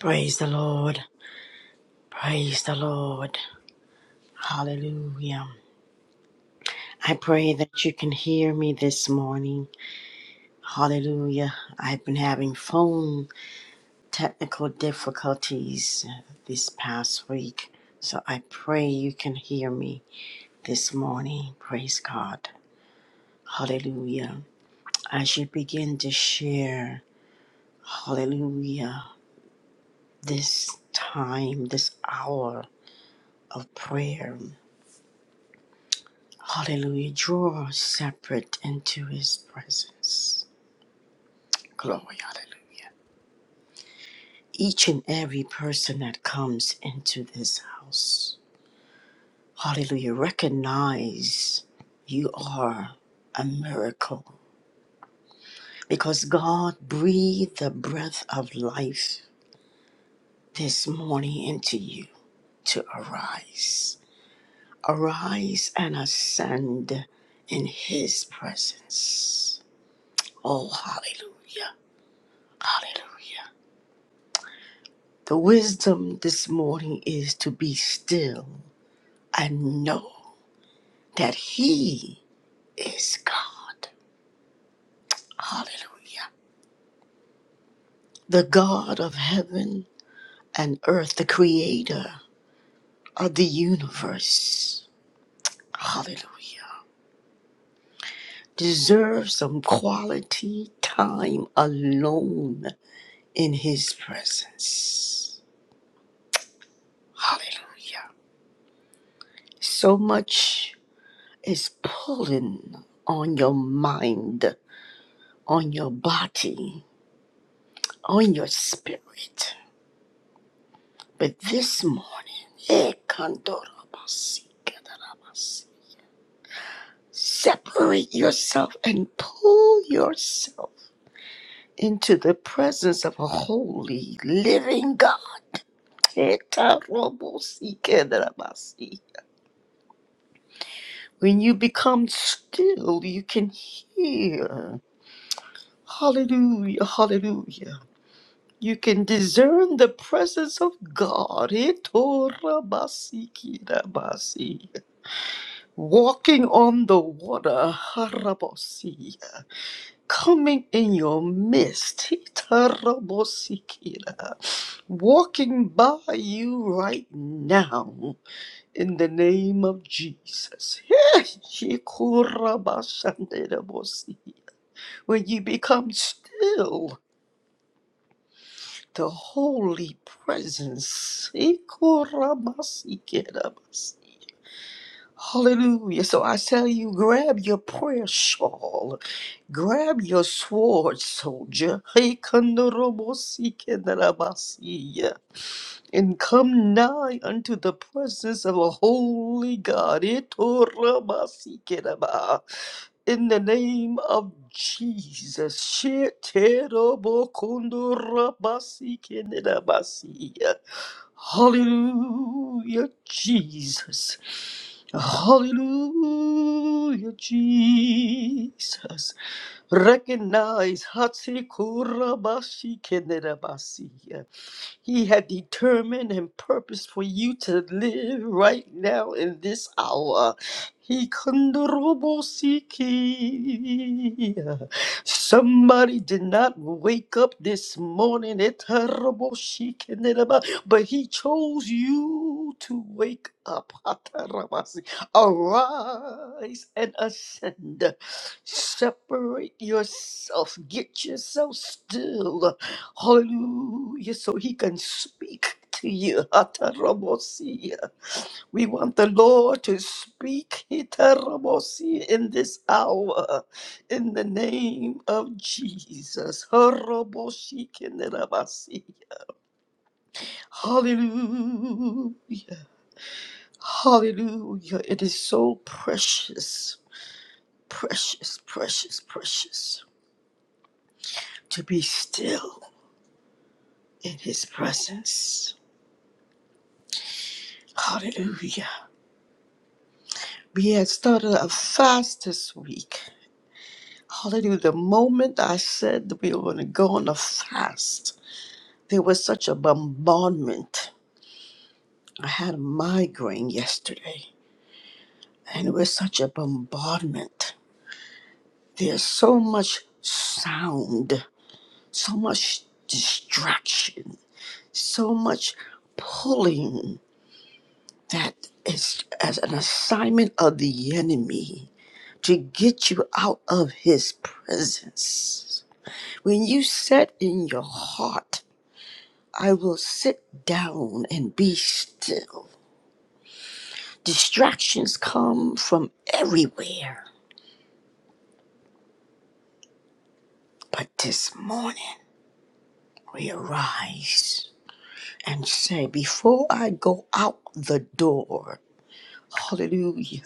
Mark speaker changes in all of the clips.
Speaker 1: Praise the Lord. Praise the Lord. Hallelujah. I pray that you can hear me this morning. Hallelujah. I've been having phone technical difficulties uh, this past week. So I pray you can hear me this morning. Praise God. Hallelujah. As you begin to share, hallelujah, this time, this hour of prayer. Hallelujah. Draw us separate into his presence. Glory. Hallelujah. Each and every person that comes into this house. Hallelujah. Recognize you are a miracle because God breathed the breath of life this morning into you to arise. Arise and ascend in his presence. Oh, hallelujah. Hallelujah. The wisdom this morning is to be still and know that He is God. Hallelujah. The God of heaven and earth, the creator of the universe. Hallelujah. Deserves some quality time alone in His presence. Hallelujah. So much is pulling on your mind, on your body on your spirit. But this morning, eh, kandorabasi, kadarabasi, separate yourself and pull yourself into the presence of a holy, living God. Etarobosi, kadarabasi. When you become still, you can hear. Hallelujah, hallelujah. You can discern the presence of God. Etorabasi, kirabasi. walking on the water, Harabosia, coming in your midst, Hitarabosikira, walking by you right now, in the name of Jesus. Hikurabashanderabosi. When you become still, the holy presence, Hikurabasikerabasi. Hallelujah. So I tell you, grab your prayer shawl Grab your sword, soldier. Heikandorobosikendalabasiya. And come nigh unto the presence of a holy God. Itorabasikedaba. In the name of Jesus. Shiterobokondorabasikedabasiya. Hallelujah, Jesus. Hallelujah, Jesus. Recognize Hatsikura Bashi Kenerabasi. He had determined and purposed for you to live right now in this hour. He kondorobosiki. Somebody did not wake up this morning, etaroboshikindereba, but he chose you to wake up. Atarabasi. Arise and ascend. Separate yourself. Get yourself still Hallelujah. So he can speak to you. Atarabosia. We want the Lord to speak Atarabosia, in this hour in the name of Jesus. Haraboshikinarabasi. Hallelujah. Hallelujah. It is so precious, precious, precious, precious to be still in his presence. Hallelujah. We had started a fast this week. Hallelujah. The moment I said that we were going to go on a fast, there was such a bombardment. I had a migraine yesterday, and it was such a bombardment. There's so much sound, so much distraction, so much pulling that is as an assignment of the enemy to get you out of his presence. When you said in your heart, I will sit down and be still, distractions come from everywhere. But this morning, we arise and say, Before I go out the door, hallelujah,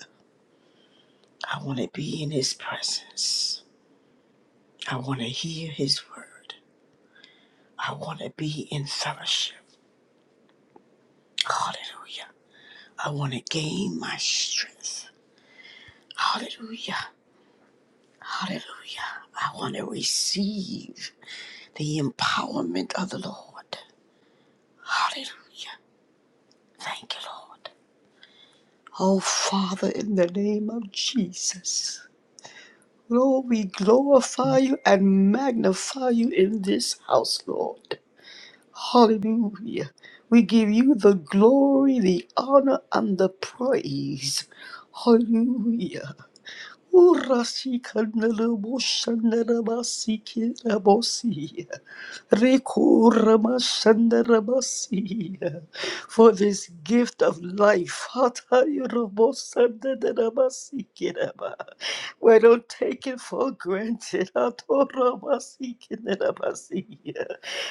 Speaker 1: I want to be in his presence. I want to hear his word. I want to be in fellowship. Hallelujah. I want to gain my strength. Hallelujah. Hallelujah. I want to receive the empowerment of the Lord. Hallelujah. Thank you, Lord. Oh, Father, in the name of Jesus. Lord, we glorify you and magnify you in this house, Lord. Hallelujah. We give you the glory, the honor, and the praise. Hallelujah. Urasi kanala boshandara basi kira bosi. Reku ramashandara basi. For this gift of life. Hatayura bosandara basi kira ba. We don't take it for granted. Hatora basi kira basi.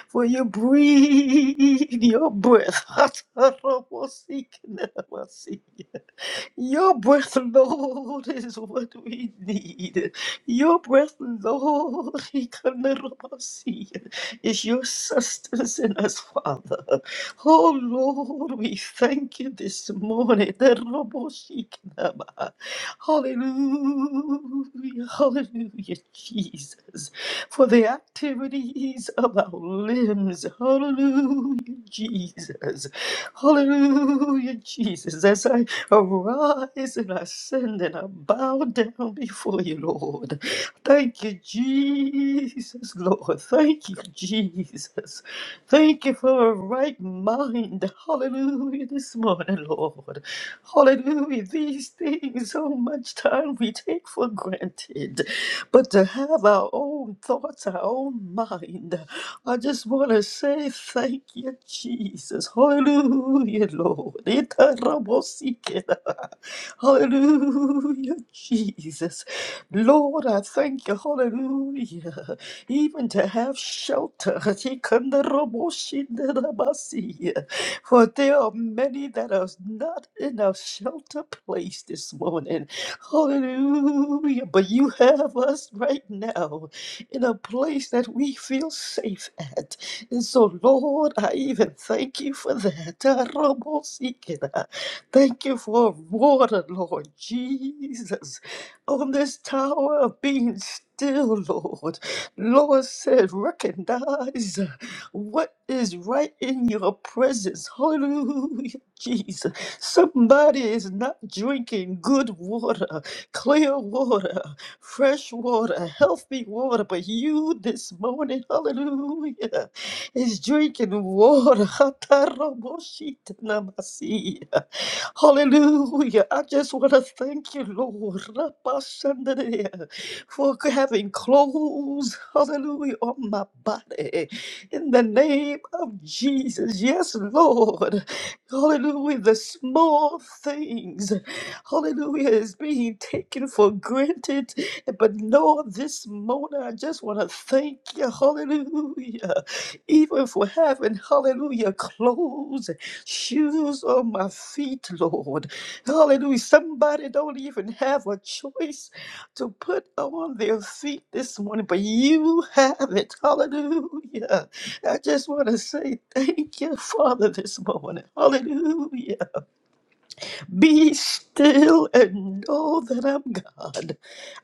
Speaker 1: For you breathe your breath. Hatara basi kira basi. Your breath, Lord, is what we need. Your breath, Lord, is your sustenance in us, Father. Oh, Lord, we thank you this morning. Hallelujah, hallelujah, Jesus, for the activities of our limbs. Hallelujah, Jesus. Hallelujah, Jesus. As I Arise and ascend and I bow down before you, Lord. Thank you, Jesus, Lord. Thank you, Jesus. Thank you for a right mind. Hallelujah, this morning, Lord. Hallelujah. These things, so much time we take for granted. But to have our own thoughts, our own mind, I just want to say thank you, Jesus. Hallelujah, Lord. Itarabosike. Hallelujah, Jesus. Lord, I thank you. Hallelujah. Even to have shelter. For there are many that are not in a shelter place this morning. Hallelujah. But you have us right now in a place that we feel safe at. And so, Lord, I even thank you for that. Thank you for water, Lord Jesus, on this tower of being still, Lord. Lord said, recognize what is right in your presence. Hallelujah, Jesus. Somebody is not drinking good water, clear water, fresh water, healthy water, but you this morning, hallelujah, is drinking water. Hataraboshita Hallelujah. I just want to thank you, Lord, Rabashandadea, for having clothes, hallelujah, on my body. In the name of Jesus. Yes, Lord. Hallelujah. The small things, hallelujah, is being taken for granted. But Lord, this morning, I just want to thank you, hallelujah, even for having, hallelujah, clothes shoes on my feet, Lord. Hallelujah. Somebody don't even have a choice to put on their feet this morning, but you have it. Hallelujah. I just want to say thank you, Father, this morning. Hallelujah. Be still and know that I'm God.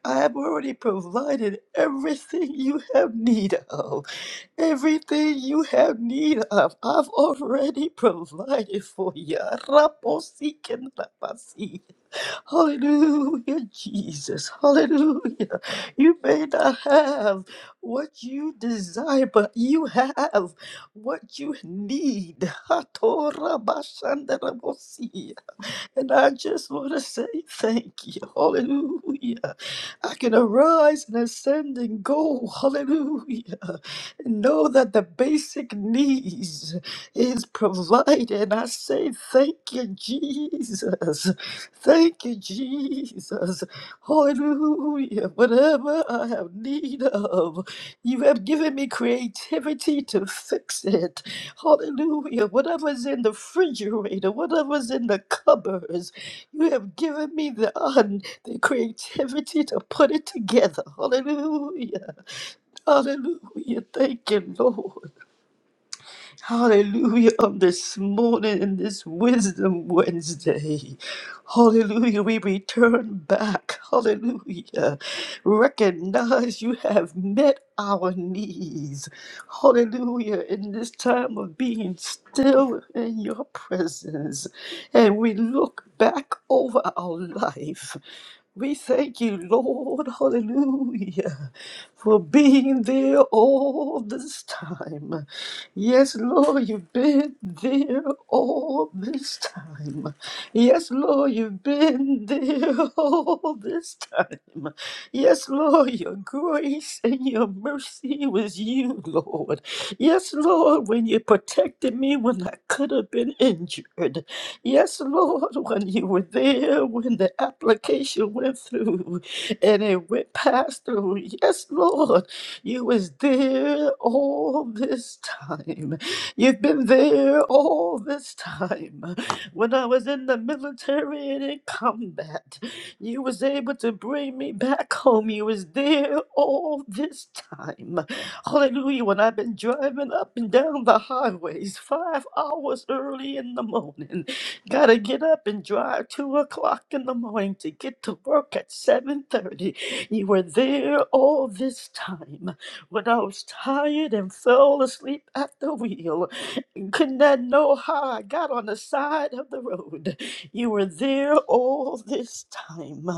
Speaker 1: I have already provided everything you have need of. Everything you have need of, I've already provided for you. Raposikenrabasi. Hallelujah, Jesus. Hallelujah. You may not have what you desire, but you have what you need. Hatorabashandarabosi. And I just want to say thank you. Hallelujah. I can arise and ascend and go. Hallelujah. And know that the basic needs is provided. I say thank you, Jesus. Thank you, Jesus. Hallelujah. Whatever I have need of, you have given me creativity to fix it. Hallelujah. Whatever's in the refrigerator, whatever's in the cupboards, you have given me the, un, the creativity to put it together. Hallelujah. Hallelujah. Thank you, Lord. Hallelujah on this morning in this Wisdom Wednesday. Hallelujah, we return back. Hallelujah. Recognize you have met our needs. Hallelujah, in this time of being still in your presence. And we look back over our life. We thank you, Lord, hallelujah, for being there all this time. Yes, Lord, you've been there all this time. Yes, Lord, you've been there all this time. Yes, Lord, your grace and your mercy was you, Lord. Yes, Lord, when you protected me when I could have been injured. Yes, Lord, when you were there, when the application went through and it went past through. Yes, Lord, you was there all this time. You've been there all this time. When I was in the military and in combat, you was able to bring me back home. You was there all this time. Hallelujah. When I've been driving up and down the highways five hours early in the morning. Gotta get up and drive two o'clock in the morning to get to work at seven thirty. You were there all this time when I was tired and fell asleep at the wheel. and Could not know how I got on the side of the road. You were there all this time.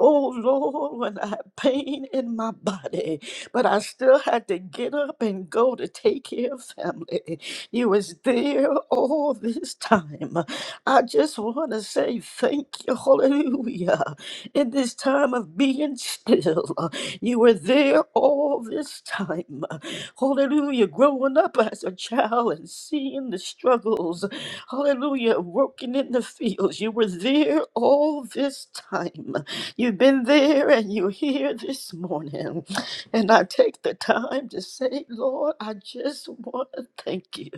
Speaker 1: Oh Lord, when I had pain in my body, but I still had to get up and go to take care of family. You was there all this time. I just want to say thank you, hallelujah. In this time of being still, you were there all this time. Hallelujah. Growing up as a child and seeing the struggles, hallelujah, working in the fields, you were there all this time. You've been there and you're here this morning. And I take the time to say, Lord, I just want to thank you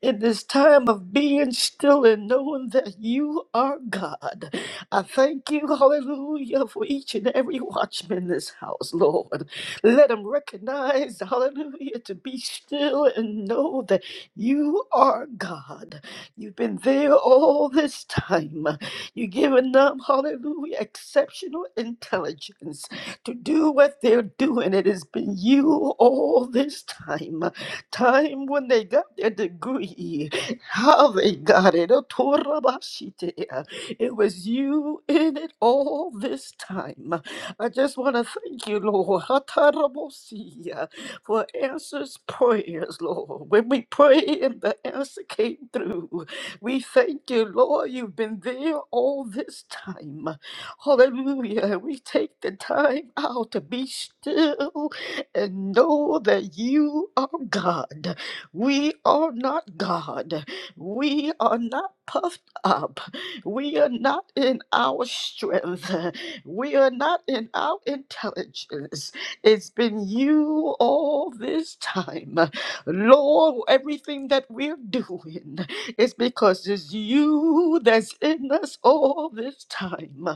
Speaker 1: in this time of being still and knowing that you are God. I thank you, hallelujah, for each and every watchman in this house, Lord. Let them recognize, hallelujah, to be still and know that you are God. You've been there all this time. You've given them, hallelujah, exceptional intelligence to do what they're doing. It has been you all this time time when they got their degree, how they got it. oh, Torabashitea. It was you in it all this time. I just want to thank you, Lord, Hatarabosia, for answers prayers, Lord. When we prayed and the answer came through, we thank you, Lord, you've been there all this time. Hallelujah. We take the time out to be still and know that you are God. We are not God. We are not puffed up. We are not in our strength. We are not in our intelligence. It's been you all this time. Lord, everything that we're doing is because it's you that's in us all this time.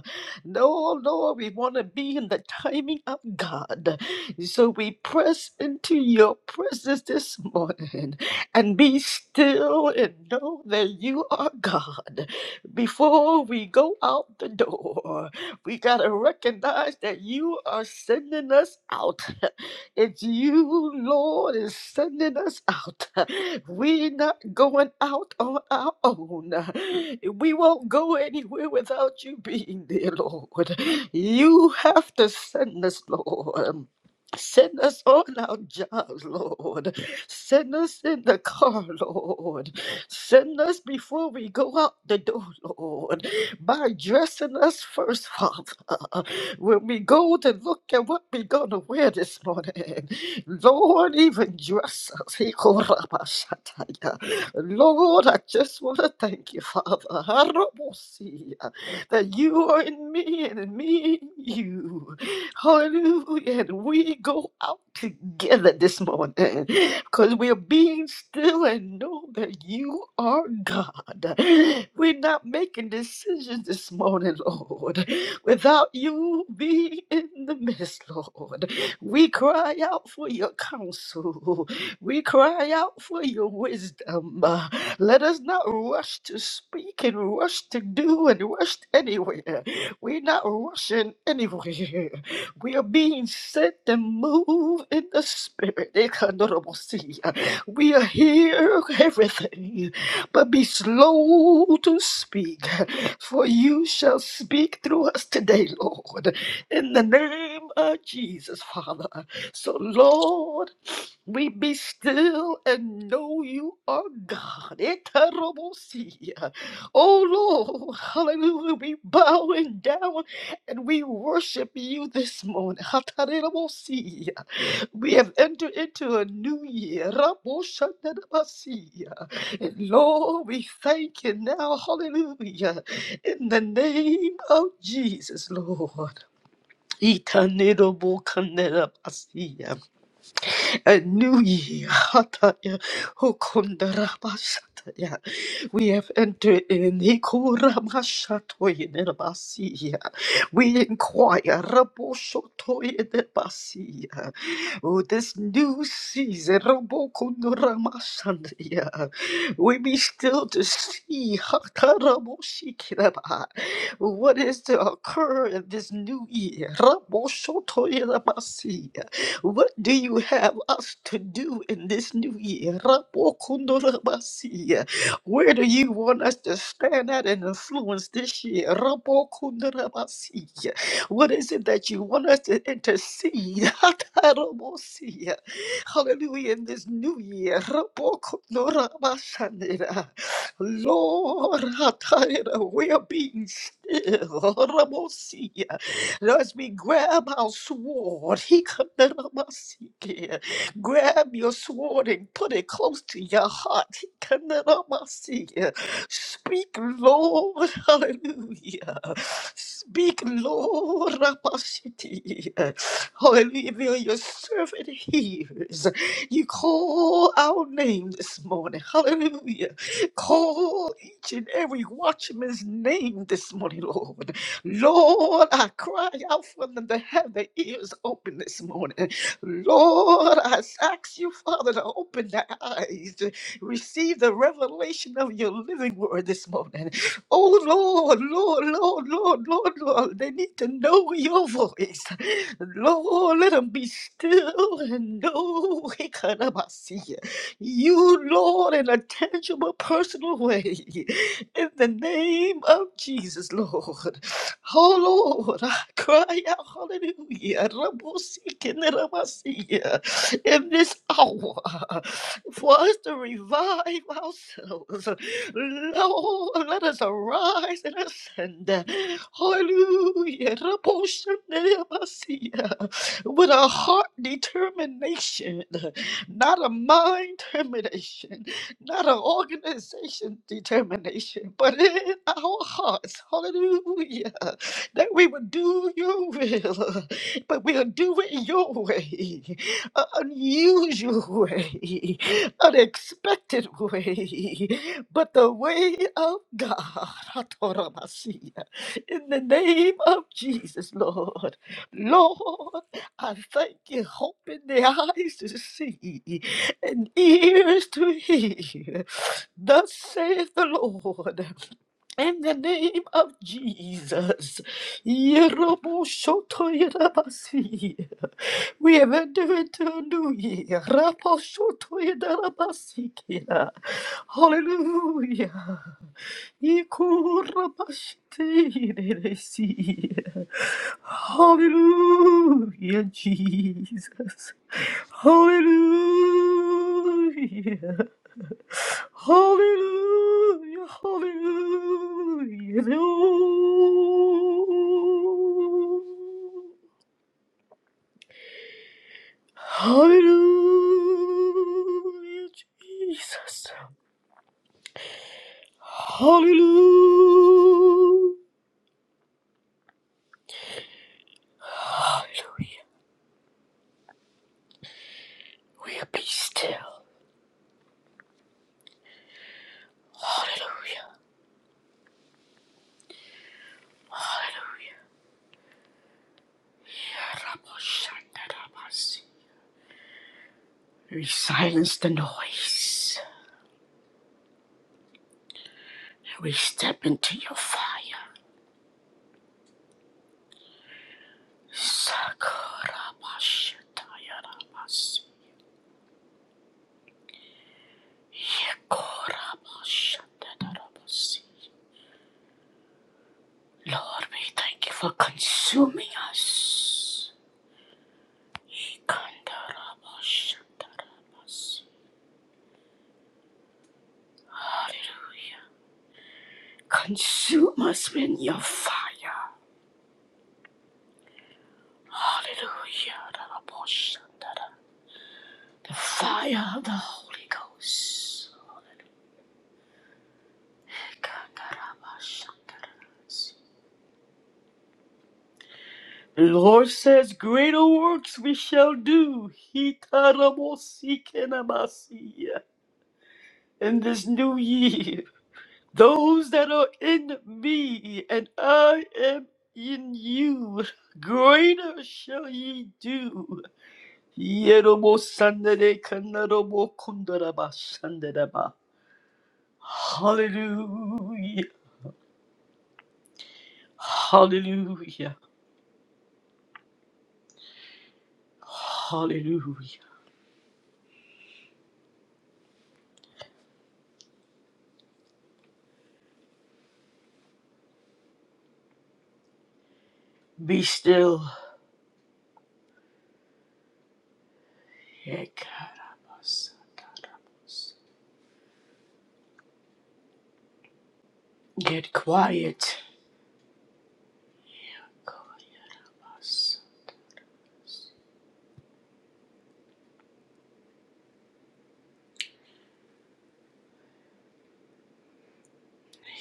Speaker 1: No, Lord, we want to be in the timing of God. So we press into your presence this morning and be still and know that you are God. Before we go out the door, we got to recognize that you are sending us out. It's you, Lord, is sending us out. We're not going out on our own. We won't go anywhere without you being there, Lord. You have to send us, Lord. Send us on our jobs, Lord. Send us in the car, Lord. Send us before we go out the door, Lord. By dressing us first, Father. When we go to look at what we're going to wear this morning, Lord, even dress us. He called up our Shataya. Lord, I just want to thank you, Father. Harabosia, That you are in me and in me in you. Hallelujah. And we go out together this morning because we're being still and know that you are God. We're not making decisions this morning, Lord, without you being in the midst, Lord. We cry out for your counsel, we cry out for your wisdom. Uh, Let us not rush to speak and rush to do and rush anywhere. We're not rushing anywhere. We are being set and moved in the spirit. Ekandorobosia. We are here, everything, but be slow to speak, for you shall speak through us today, Lord, in the name of Jesus, Father. So, Lord, we be still and know you are God. Eterobosia. Oh Lord, hallelujah. We bowing down and we worship you this morning. Hatarerobosia. We have entered into a new year. Raboshanerobosia. And Lord, we thank you now. Hallelujah. In the name of Jesus, Lord. Itanerobokanerobosia a new year. Hataya, Hokondara Basataya. We have entered in Hikuramasatoyenerbasia. We inquire Raboshotoyenerbasia. Oh, this new season, Rabokunuramasandia. We be still to see Hataraboshikiraba. What is to occur in this new year? Raboshotoyenerbasia. What do you have us to do in this new year? Rabokunuramasia. Where do you want us to stand at and influence this year? Rabo kundarabasi. What is it that you want us to intercede? Hatarabosi. Hallelujah. In this new year. Rabo kundorabasanera. Lord, hatara, we are being still. Rabosi. As we grab our sword, he Grab your sword and put it close to your heart. Kandaramasiya. Speak, Lord. Hallelujah. Speak, Lord. Ramasiya. Hallelujah. Though Your servant hears. You call our name this morning. Hallelujah. Call each and every watchman's name this morning, Lord. Lord, I cry out from the heaven, ears open this morning. Lord, I ask you, Father, to open the eyes to receive the revelation of your living word this morning. Oh, Lord, Lord, Lord, Lord, Lord, Lord, they need to know your voice. Lord, let them be still and know Ikarabasiya, you, Lord, in a tangible, personal way. In the name of Jesus, Lord. Oh Lord, I cry out, hallelujah, Rabosikinderabasia, in this hour for us to revive ourselves. Lord, let us arise and ascend. Hallelujah, Rabosikinderabasia, with a heart determination, not a mind termination not an organization determination, but in our hearts, hallelujah, that we would do your will, but we'll do it your way, an unusual way, unexpected way, but the way of God, Hatoramasia, in the name of Jesus, Lord. Lord, I thank you, open the eyes to see and ears to hear. Thus saith the Lord, in the name of Jesus. Yeroboshotoyerabasi. We have entered into a new year. Raposhotoyerabasikira. Hallelujah. Ikurabashitereresi. Hallelujah, Jesus. Hallelujah. Hallelujah, hallelujah, hallelujah, Jesus. Hallelujah, hallelujah. We'll be still. Hallelujah, hallelujah. We silence the noise and we step into your fire. Sakorabashatayarabasi. Yekorabashatayarabasi. Lord, we thank you for consuming us. Ikandarabashatarabasi. Hallelujah. Consume us with your fire. Hallelujah. Rabashatara. The fire of the Holy Ghost. Ikandarabashatarabasi. The Lord says, Greater works we shall do. Hitarabosikemasiya. In this new year, those that are in me and I am in you, greater shall ye do. Yerobosanderekanarobokundarabasandaraba. Hallelujah. Hallelujah. Hallelujah. Be still. Ekarabasas. Get quiet.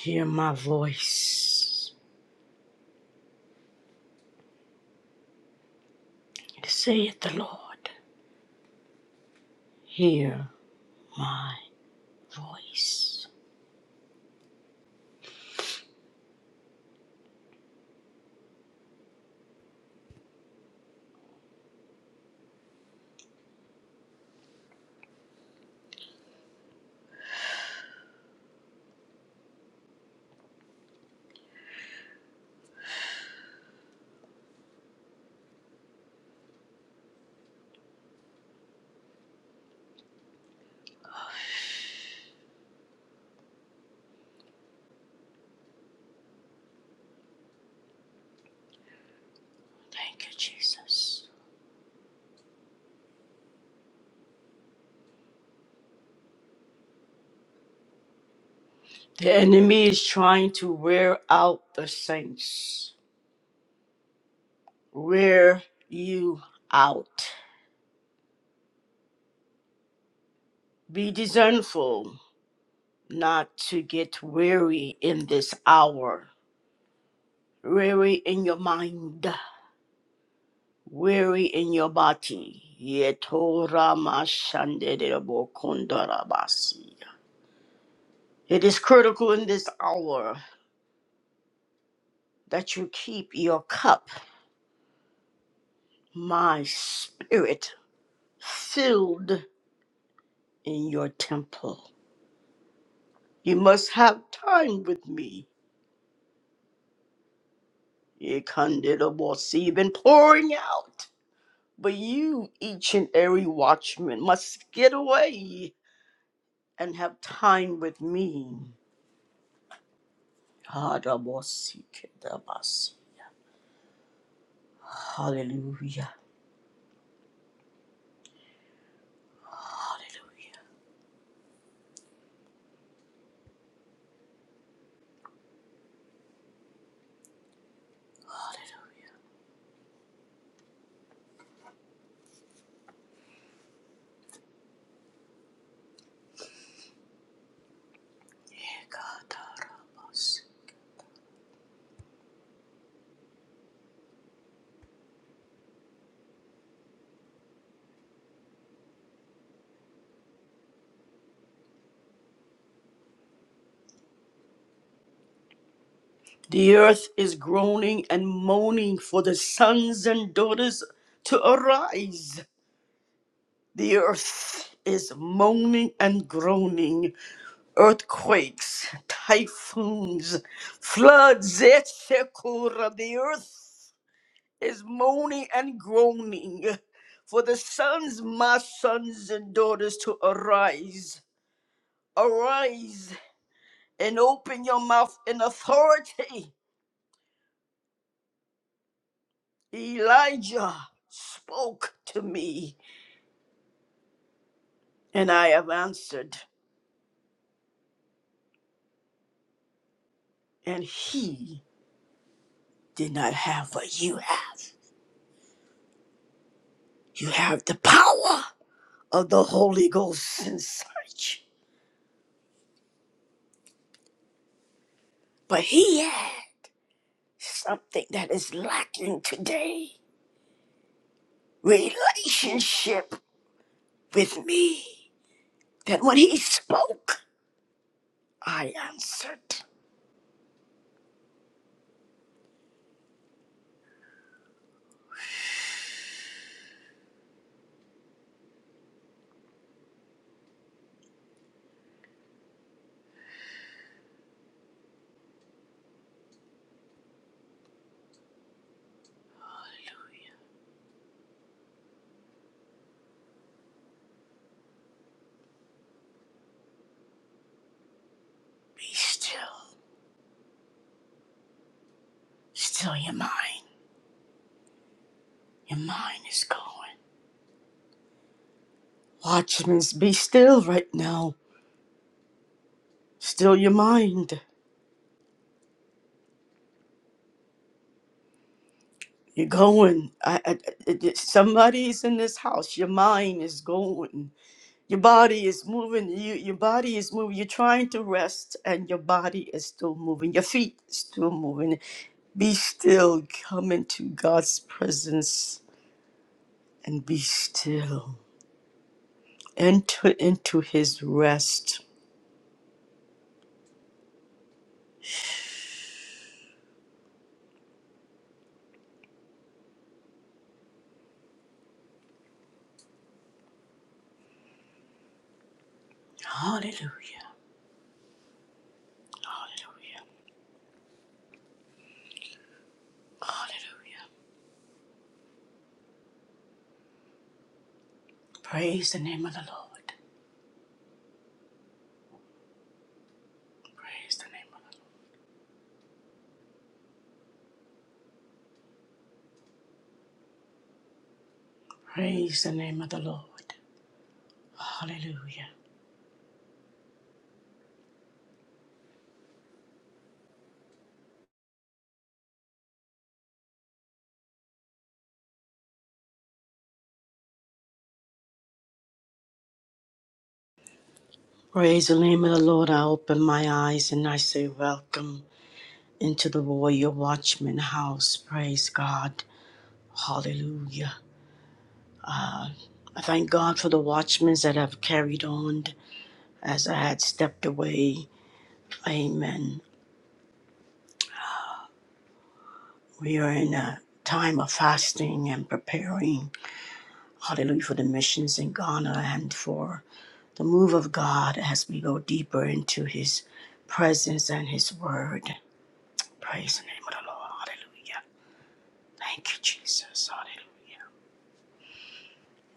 Speaker 1: Hear my voice. Saith the Lord. Hear my voice. Thank you, Jesus. The enemy is trying to wear out the saints. Wear you out. Be discernful not to get weary in this hour. Weary in your mind. weary in your body. Yetora mashanderebo kondorabasi. It is critical in this hour that you keep your cup, my spirit, filled in your temple. You must have time with me. Yekanderebosi. You've been pouring out, but you, each and every watchman, must get away and have time with me. Harabosi Hallelujah. Hallelujah. God. The earth is groaning and moaning for the sons and daughters to arise. The earth is moaning and groaning. Earthquakes, typhoons, floods, etc. The earth is moaning and groaning for the sons, my sons and daughters to arise. Arise and open your mouth in authority. Elijah spoke to me, and I have answered, and he did not have what you have. You have the power of the Holy Ghost inside you, but he had something that is lacking today relationship with me. That when he spoke, I answered. Be still, still your mind. Your mind is going. Watchmen, be still right now. Still your mind. You're going. I, I, I, I- somebody's in this house. Your mind is going. Your body is moving. You, your body is moving. You're trying to rest, and your body is still moving. Your feet is still moving. Be still. Come into God's presence and be still. Enter into His rest. Hallelujah. Hallelujah. Hallelujah. Praise the name of the Lord. Praise the name. of the Lord. Praise the name of the Lord. Hallelujah. Praise the name of the Lord. I open my eyes and I say, Welcome into the Warrior Watchman house. Praise God. Hallelujah. I thank God for the watchmen that have carried on as I had stepped away. Amen. We are in a time of fasting and preparing. Hallelujah for the missions in Ghana and for the move of God as we go deeper into His presence and His Word. Praise the name of the Lord. Hallelujah. Thank you, Jesus. Hallelujah.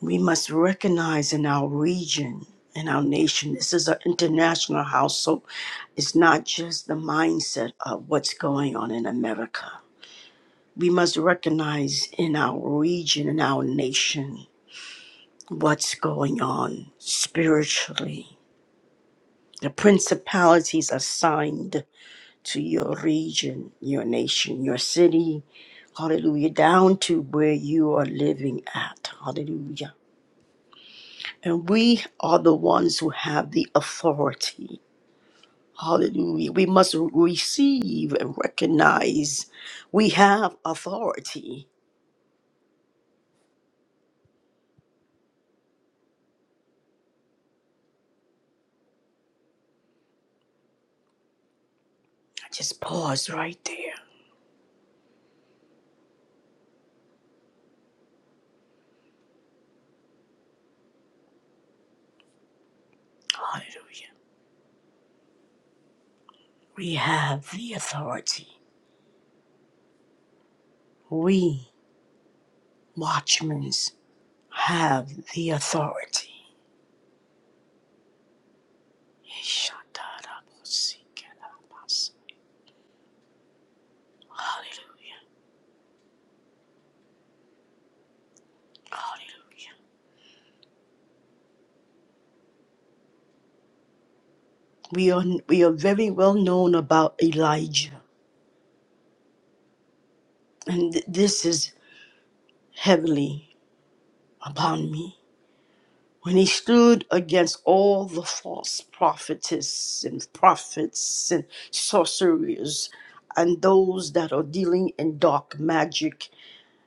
Speaker 1: We must recognize in our region, in our nation, this is an international house. So, It's not just the mindset of what's going on in America. We must recognize in our region, in our nation, what's going on spiritually. The principalities assigned to your region, your nation, your city, hallelujah, down to where you are living at, hallelujah. And we are the ones who have the authority, hallelujah. We must receive and recognize we have authority. Just pause right there, hallelujah. We have the authority. We, watchmen, have the authority. Hallelujah. Hallelujah. We are we are very well known about Elijah, and th- this is heavily upon me. When he stood against all the false prophetess and prophets and sorcerers and those that are dealing in dark magic,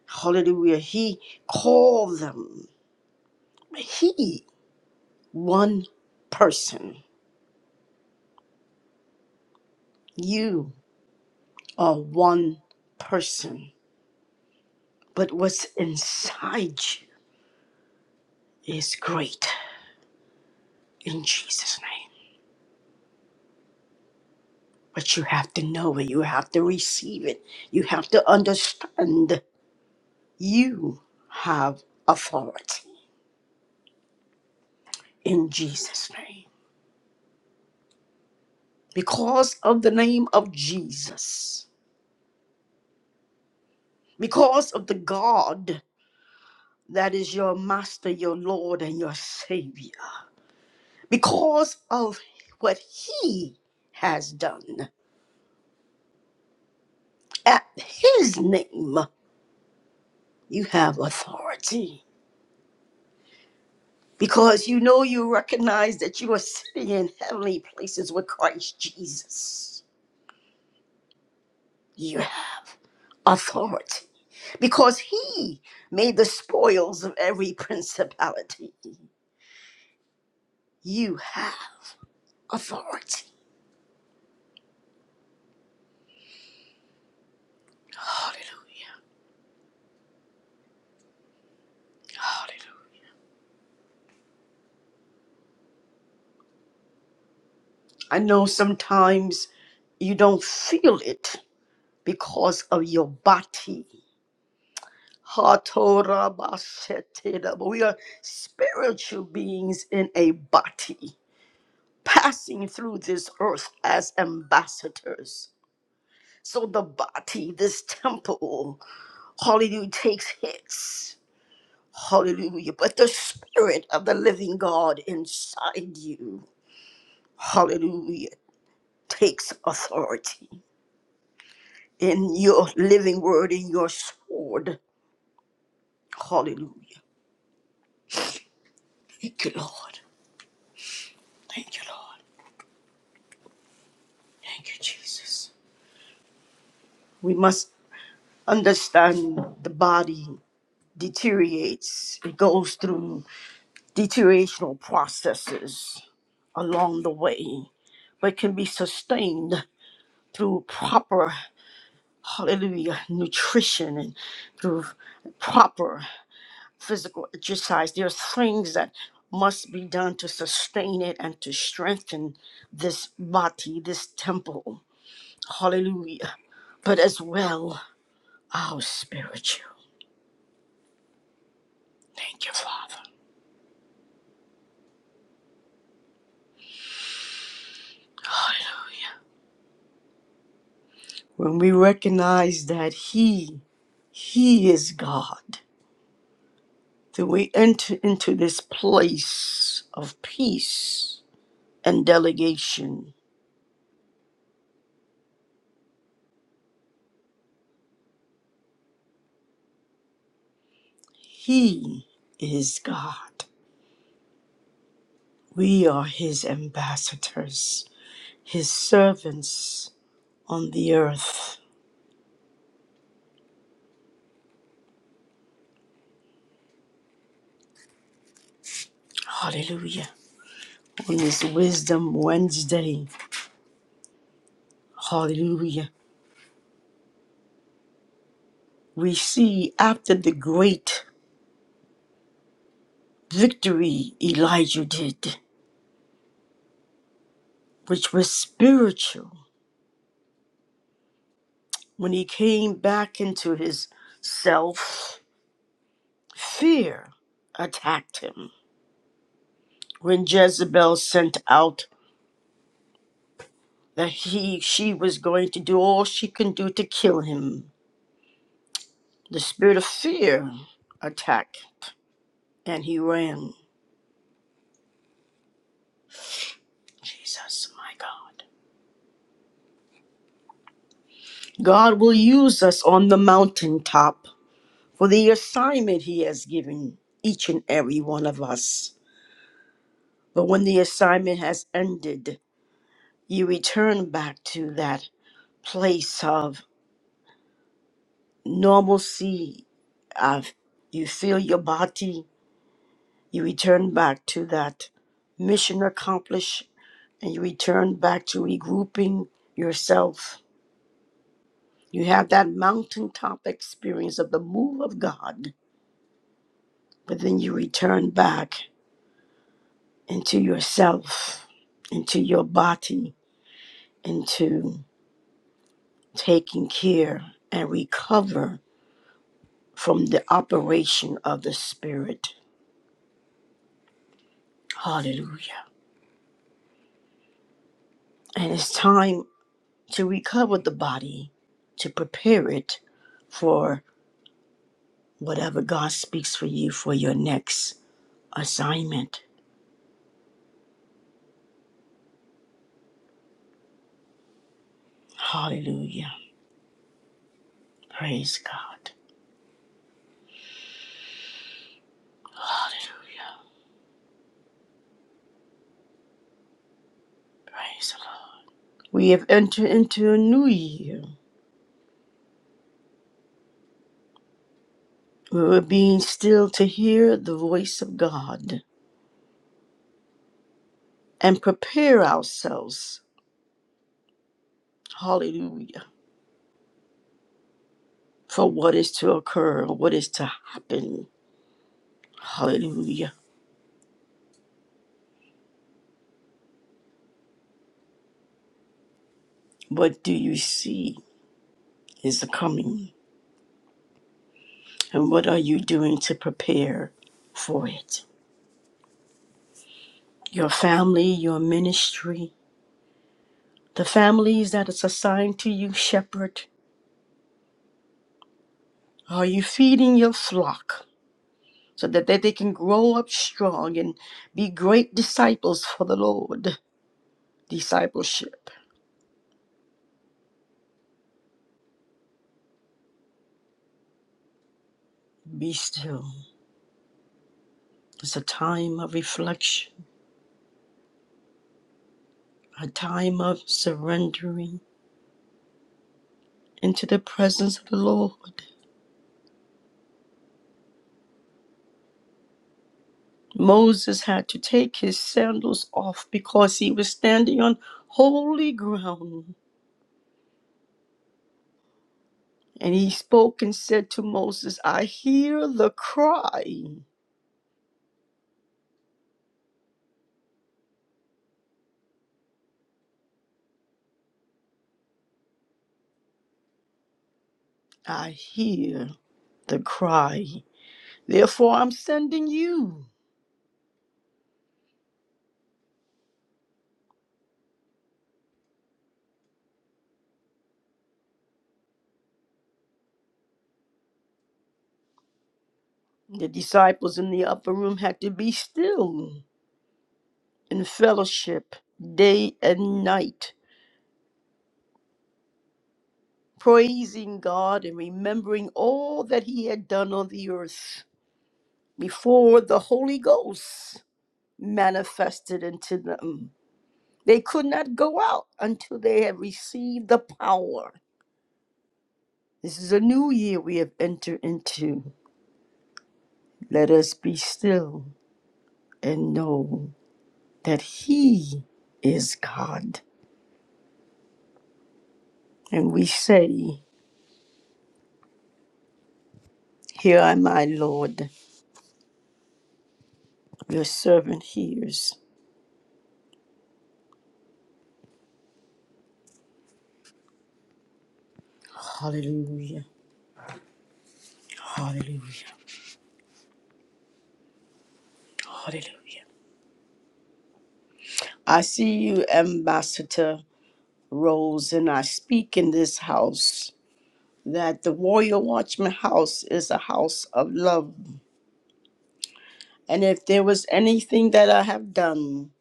Speaker 1: hallelujah, he called them. He, one person. You are one person but what's inside you is great in Jesus' name. But you have to know it, you have to receive it, you have to understand you have authority in Jesus' name. Because of the name of Jesus, because of the God that is your master, your Lord, and your Savior, because of what He has done at His name, you have authority because you know you recognize that you are sitting in heavenly places with Christ Jesus. You have authority because he made the spoils of every principality. You have authority. Hallelujah. Hallelujah. I know sometimes you don't feel it because of your body. Hatorabashetida, But we are spiritual beings in a body. passing through this earth as ambassadors. So the body, this temple, hallelujah, takes hits. Hallelujah. But the spirit of the living God inside you, hallelujah, takes authority in your living word, in your sword. Hallelujah. Thank you, Lord. Thank you, Lord. Thank you, Jesus. We must understand the body deteriorates, it goes through deteriorational processes along the way, but can be sustained through proper, hallelujah, nutrition and through proper physical exercise. There's things that must be done to sustain it and to strengthen this body, this temple. Hallelujah. But as well, our spiritual. Thank you, Father. Hallelujah. When we recognize that He, He is God that we enter into this place of peace and delegation. He is God. We are His ambassadors, His servants on the earth. Hallelujah. On this Wisdom Wednesday, hallelujah, we see after the great victory Elijah did, which was spiritual, when he came back into his self Fear attacked him when Jezebel sent out that he she was going to do all she can do to kill him. The spirit of fear attacked and he ran. Jesus, my God. God will use us on the mountaintop for the assignment he has given each and every one of us. But when the assignment has ended, you return back to that place of. normalcy of you feel your body, you return back to that mission accomplished, and you return back to regrouping yourself. You have that mountaintop experience of the move of God, but then you return back into yourself, into your body, into taking care and recover from the operation of the Spirit. Hallelujah. And it's time. to recover the body, to prepare it for whatever God speaks for you for your next assignment. Hallelujah. Praise God. Hallelujah. Praise the Lord. We have entered into a new year. We were being still to hear the voice of God and prepare ourselves. Hallelujah. For what is to occur, what is to happen. Hallelujah. What do you see is the coming? And what are you doing to prepare for it? Your family, your ministry, the families that it's assigned to you, shepherd. Are you feeding your flock so that they they can grow up strong and be great disciples for the Lord? Discipleship. Be still. It's a time of reflection, a time of surrendering into the presence of the Lord. Moses had to take his sandals off because he was standing on holy ground. And he spoke and said to Moses, I hear the cry. I hear the cry. Therefore, I'm sending you. The disciples in the upper room had to be still in fellowship day and night, praising God and remembering all that he had done on the earth before the Holy Ghost manifested into them. They could not go out until they had received the power. This is a new year we have entered into. Let us be still and know that He is God. And we say, Here am I, Lord. Your servant hears. Hallelujah. Hallelujah. Hallelujah. I see you, Ambassador Rose, and I speak in this house that the Royal Watchman House is a house of love. And if there was anything that I have done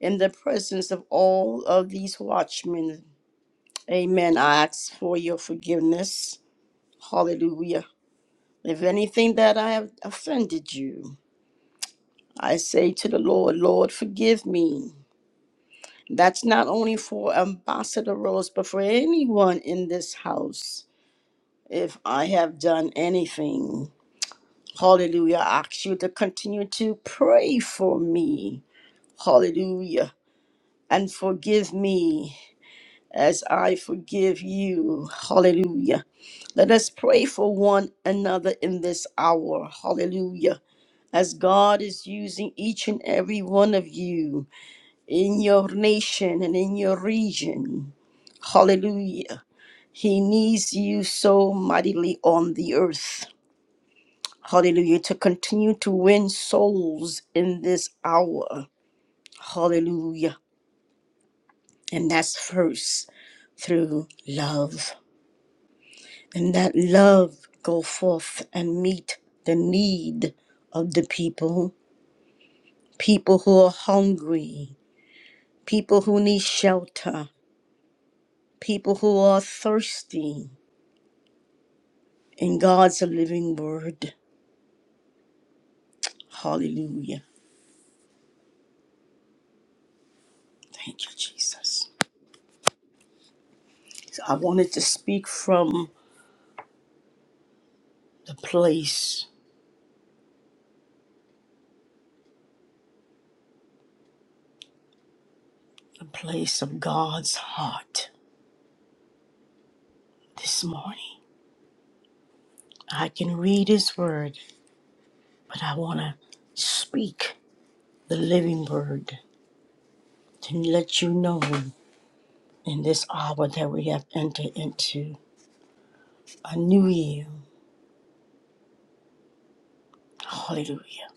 Speaker 1: in the presence of all of these watchmen, amen, I ask for your forgiveness. Hallelujah. If anything that I have offended you, I say to the Lord, Lord, forgive me. That's not only for Ambassador Rose, but for anyone in this house. If I have done anything. Hallelujah. I ask you to continue to pray for me. Hallelujah. And forgive me as I forgive you. Hallelujah. Let us pray for one another in this hour. Hallelujah. As God is using each and every one of you in your nation and in your region. Hallelujah. He needs you so mightily on the earth. Hallelujah. To continue to win souls in this hour. Hallelujah. And that's first through love. And that love go forth and meet the need of the people, people who are hungry, people who need shelter, people who are thirsty in God's living word. Hallelujah. Thank you, Jesus. So I wanted to speak from the place the place of God's heart this morning. I can read His Word, but I want to speak the living Word to let you know in this hour that we have entered into a new year. Hallelujah.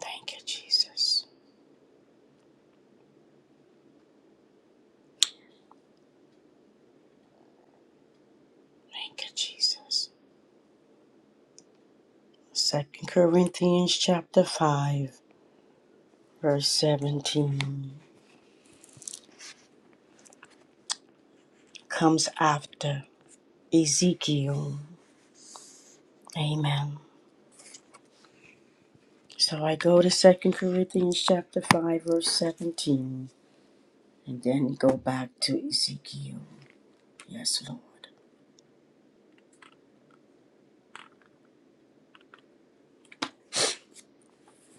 Speaker 1: Thank you, Jesus. Thank you, Jesus. Second Corinthians chapter 5, verse 17 comes after Ezekiel. Amen. So I go to Second Corinthians chapter 5 verse 17 and then go back to Ezekiel. Yes, Lord.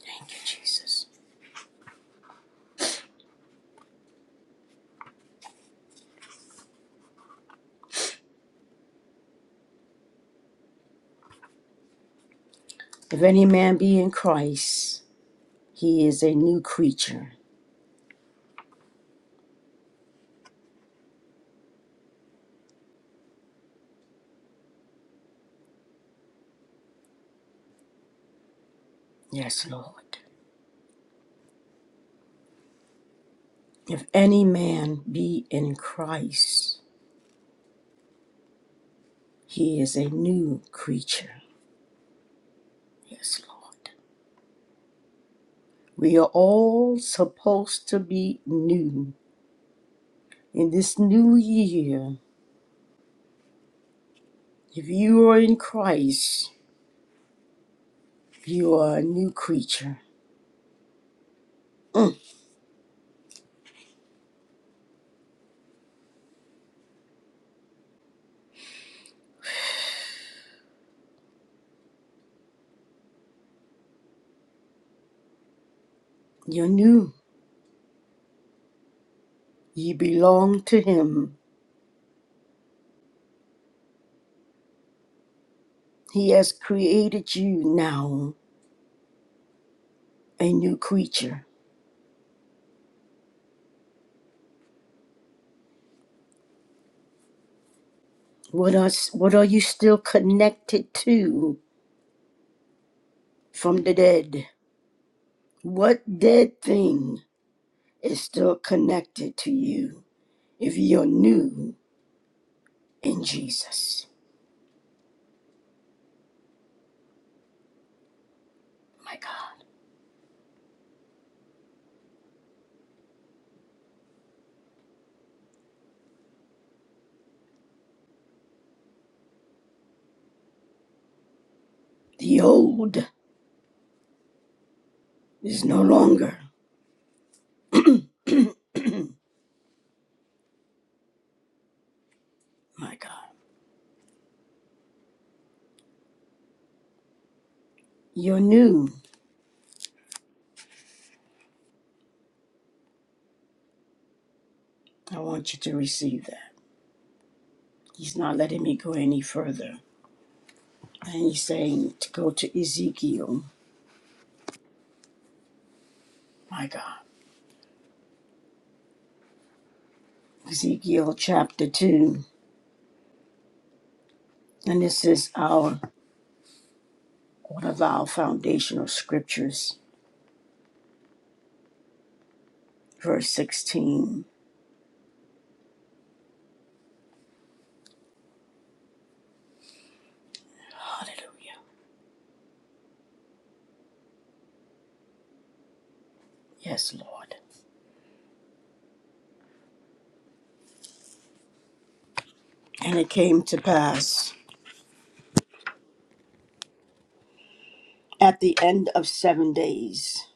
Speaker 1: Thank you, Jesus. If any man be in Christ, he is a new creature. Yes, Lord. If any man be in Christ, he is a new creature. Yes, Lord. We are all supposed to be new in this new year. If you are in Christ, you are a new creature. Mm, You're new. You belong to Him. He has created you now a new creature. What are, what are you still connected to from the dead? What dead thing is still connected to you if you're new in Jesus? My God. The old is no longer. My God. You're new. I want you to receive that. He's not letting me go any further. And he's saying to go to Ezekiel my God, Ezekiel chapter 2. And this is our one of our foundational scriptures, verse 16. Hallelujah. Yes, Lord. And it came to pass at the end of seven days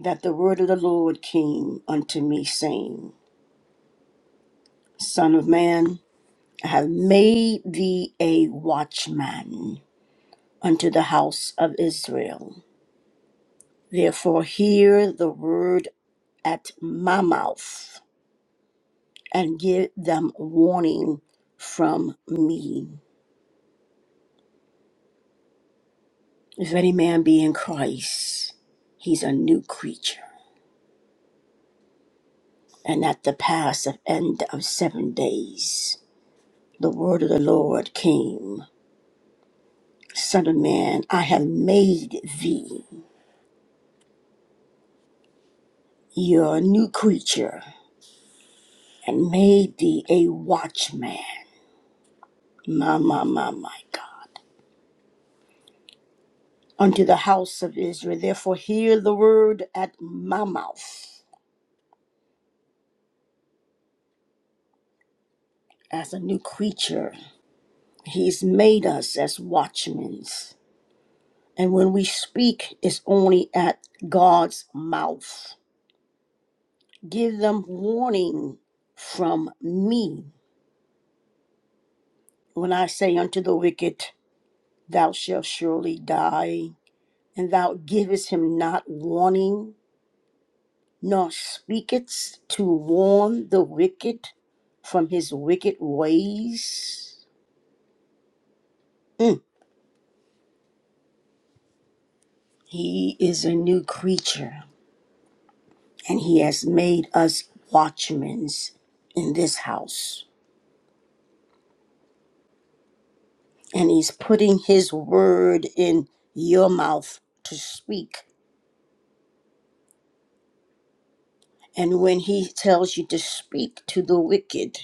Speaker 1: that the word of the Lord came unto me, saying, Son of man, I have made thee a watchman unto the house of Israel. Therefore, hear the word at my mouth and give them warning from me. If any man be in Christ, he's a new creature. And at the pass of end of seven days, the word of the Lord came Son of man, I have made thee your new creature and made thee a watchman. My, my, my, my God. Unto the house of Israel. Therefore, hear the word at my mouth as a new creature He's made us as watchmen. And when we speak, it's only at God's mouth. Give them warning from me. When I say unto the wicked, Thou shalt surely die, and thou givest him not warning, nor speakest to warn the wicked from his wicked ways, Mm. he is a new creature. and he has made us watchmen in this house. And he's putting his word in your mouth to speak. And when he tells you to speak to the wicked,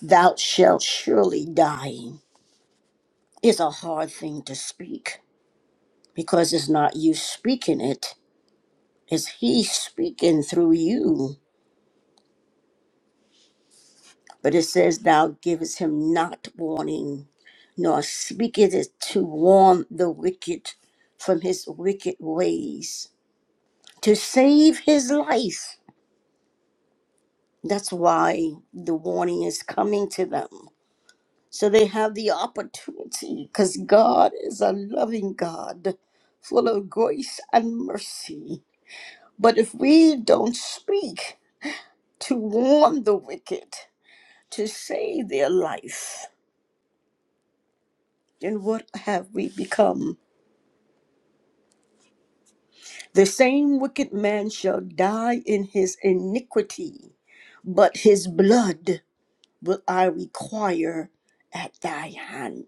Speaker 1: thou shalt surely die, is a hard thing to speak because it's not you speaking it, it's he speaking through you. But it says, Thou givest him not warning, nor speaketh it to warn the wicked from his wicked ways, to save his life. That's why the warning is coming to them. So they have the opportunity, because God is a loving God, full of grace and mercy. But if we don't speak to warn the wicked, to save their life, then what have we become? The same wicked man shall die in his iniquity, but his blood will I require at thy hand.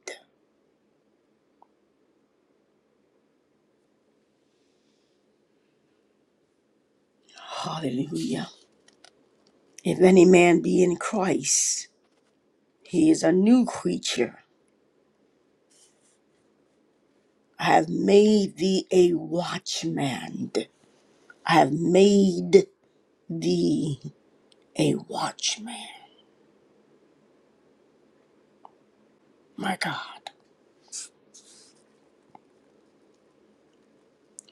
Speaker 1: Hallelujah. If any man be in Christ, he is a new creature. I have made thee a watchman. I have made thee a watchman. My God,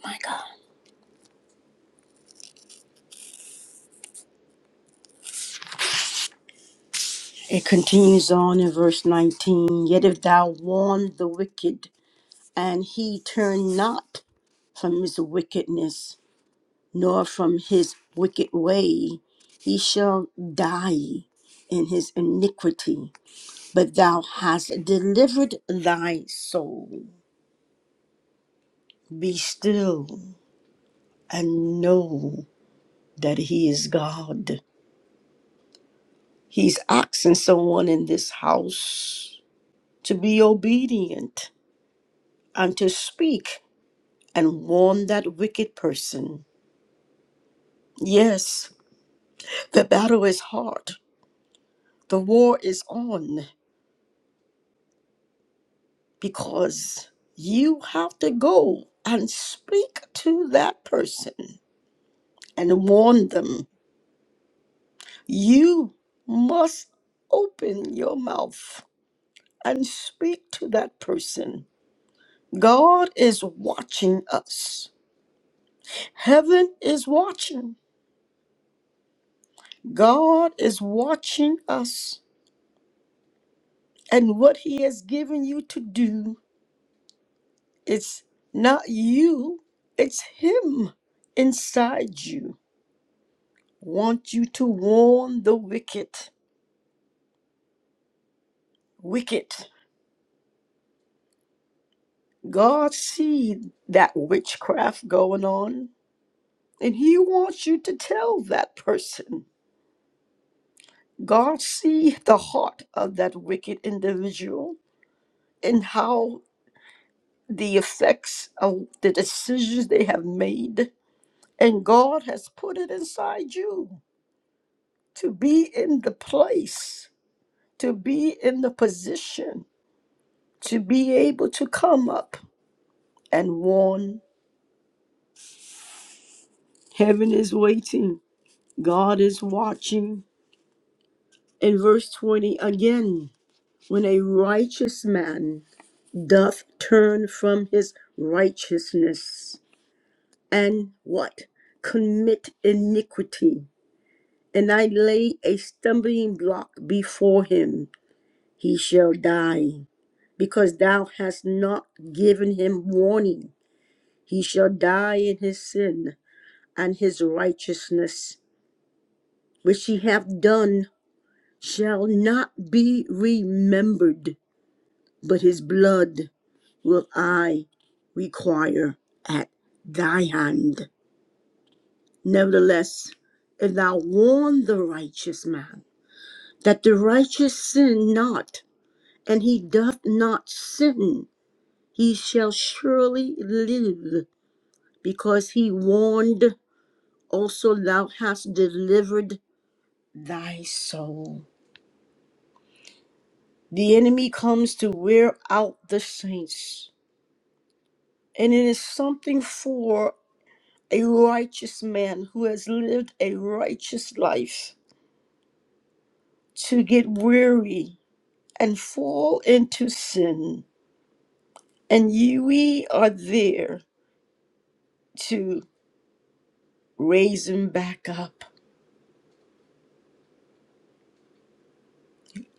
Speaker 1: my God. It continues on in verse 19 Yet if thou warn the wicked, and he turned not from his wickedness, nor from his wicked way. He shall die in his iniquity, but thou hast delivered thy soul. Be still and know that he is God. He's asking someone in this house to be obedient and to speak and warn that wicked person. Yes, the battle is hard. The war is on because you have to go and speak to that person and warn them. You must open your mouth and speak to that person. God is watching us. Heaven is watching. God is watching us. And what He has given you to do, it's not you, it's Him inside you. want you to warn the wicked. Wicked. God see that witchcraft going on, and he wants you to tell that person. God see the heart of that wicked individual and how the effects of the decisions they have made. And God has put it inside you to be in the place, to be in the position, to be able to come up and warn Heaven is waiting, God is watching. In verse 20 again, when a righteous man doth turn from his righteousness and what? Commit iniquity, and I lay a stumbling block before him, he shall die, because thou hast not given him warning. He shall die in his sin and his righteousness, which he hath done shall not be remembered, but his blood will I require at thy hand. Nevertheless, if thou warn the righteous man that the righteous sin not, and he doth not sin, he shall surely live, because he warned, also thou hast delivered thy soul. The enemy comes to wear out the saints And it is something for a righteous man who has lived a righteous life to get weary and fall into sin. And you- we are there to raise him back up.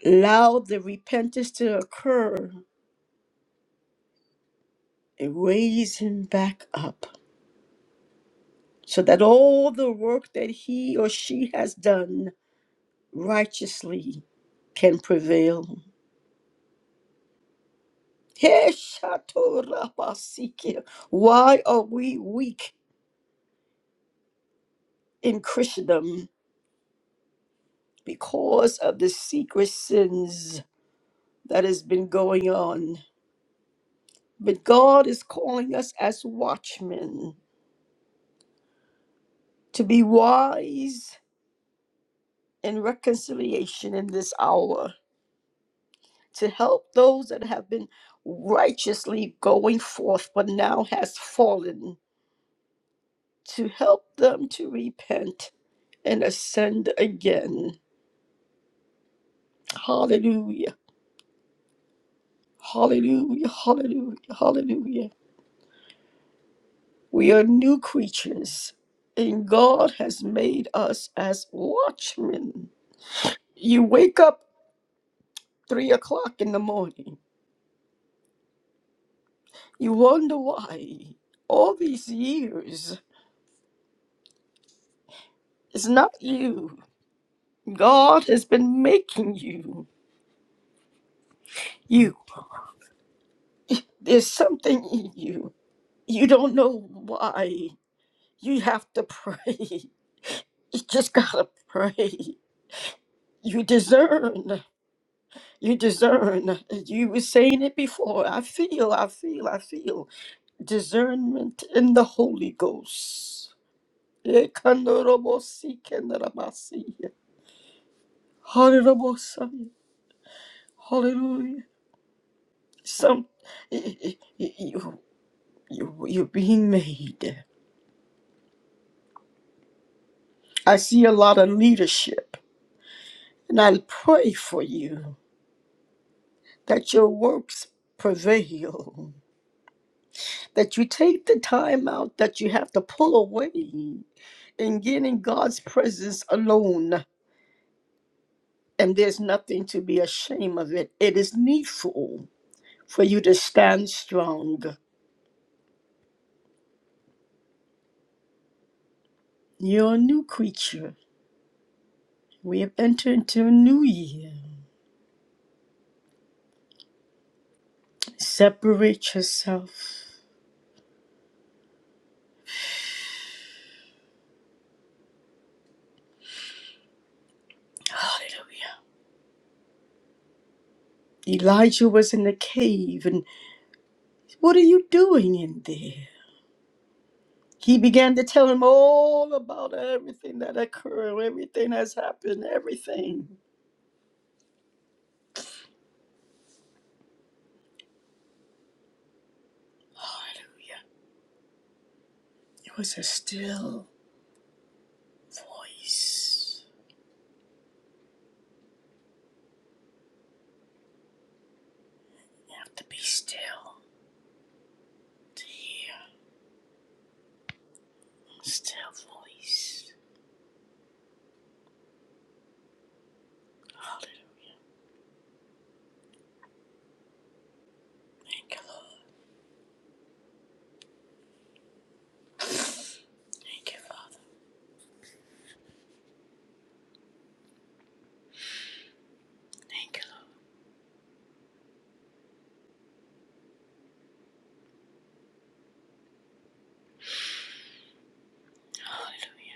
Speaker 1: Allow the repentance to occur and raise him back up so that all the work that he or she has done righteously can prevail. Heshatorabasikia. Why are we weak in Christendom? Because of the secret sins that has been going on. But God is calling us as watchmen to be wise in reconciliation in this hour, to help those that have been righteously going forth but now has fallen, to help them to repent and ascend again. Hallelujah. Hallelujah, hallelujah, hallelujah. We are new creatures, and God has made us as watchmen. You wake up three o'clock in the morning. You wonder why all these years it's not you. God has been making you. You. There's something in you. You don't know why. You have to pray. You just gotta pray. You discern. You discern. You were saying it before. I feel, I feel, I feel. Discernment in the Holy Ghost. Ekanorobosikendorabasi. Hallelujah. Hallelujah. Some you, you you're being made. I see a lot of leadership. And I pray for you that your works prevail. That you take the time out that you have to pull away and get in God's presence alone, and there's nothing to be ashamed of it. It is needful for you to stand strong. You're a new creature. We have entered into a new year. Separate yourself. Hallelujah. Elijah was in the cave, and what are you doing in there? He began to tell him all about everything that occurred, everything that's happened, everything. Hallelujah. It was a still voice. You have to be still to hear the still voice. Hallelujah. Thank you, Lord. Thank you, Lord. Thank you, Lord. Hallelujah.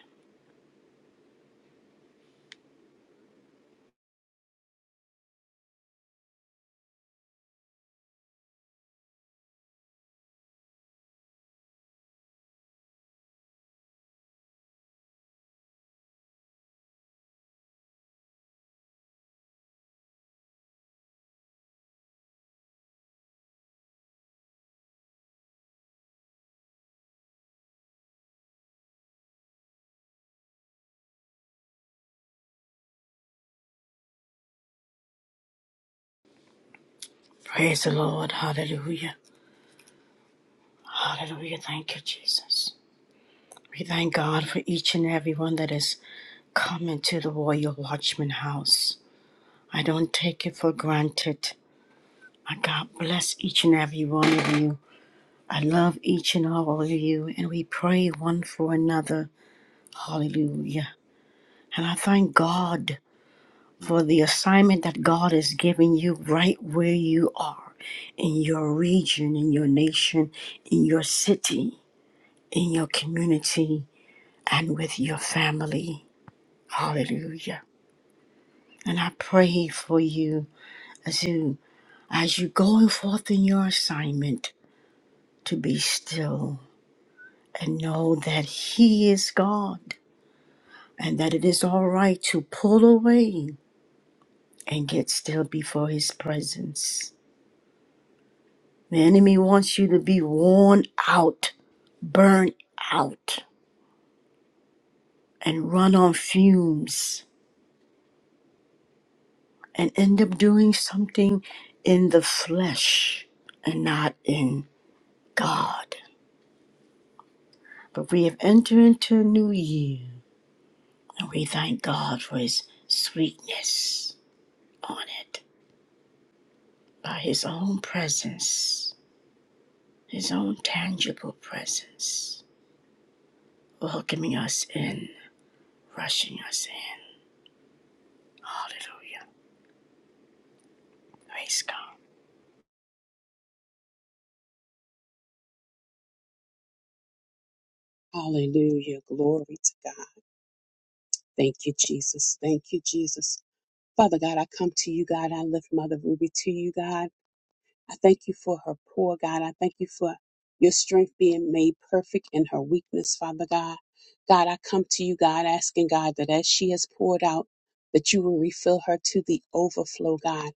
Speaker 1: Praise the Lord. Hallelujah. Hallelujah. Thank you, Jesus. We thank God for each and every one that has come into the Royal Watchman House. I don't take it for granted. My God bless each and every one of you. I love each and all of you, and we pray one for another. Hallelujah. And I thank God. for the assignment that God has given you right where you are in your region, in your nation, in your city, in your community, and with your family. Hallelujah. And I pray for you as you as you going forth in your assignment to be still and know that he is God and that it is all right to pull away and get still before his presence The enemy wants you to be worn out, burnt out, and run on fumes and end up doing something in the flesh and not in God. But we have entered into a new year and we thank God for his sweetness on it by his own presence, his own tangible presence, welcoming us in, rushing us in. Hallelujah. Praise God.
Speaker 2: Hallelujah. Glory to God. Thank you, Jesus. Thank you, Jesus. Father God, I come to you, God. I lift Mother Ruby to you, God. I thank you for her poor, God. I thank you for your strength being made perfect in her weakness, Father God. God, I come to you, God, asking God that as she has poured out, that you will refill her to the overflow, God.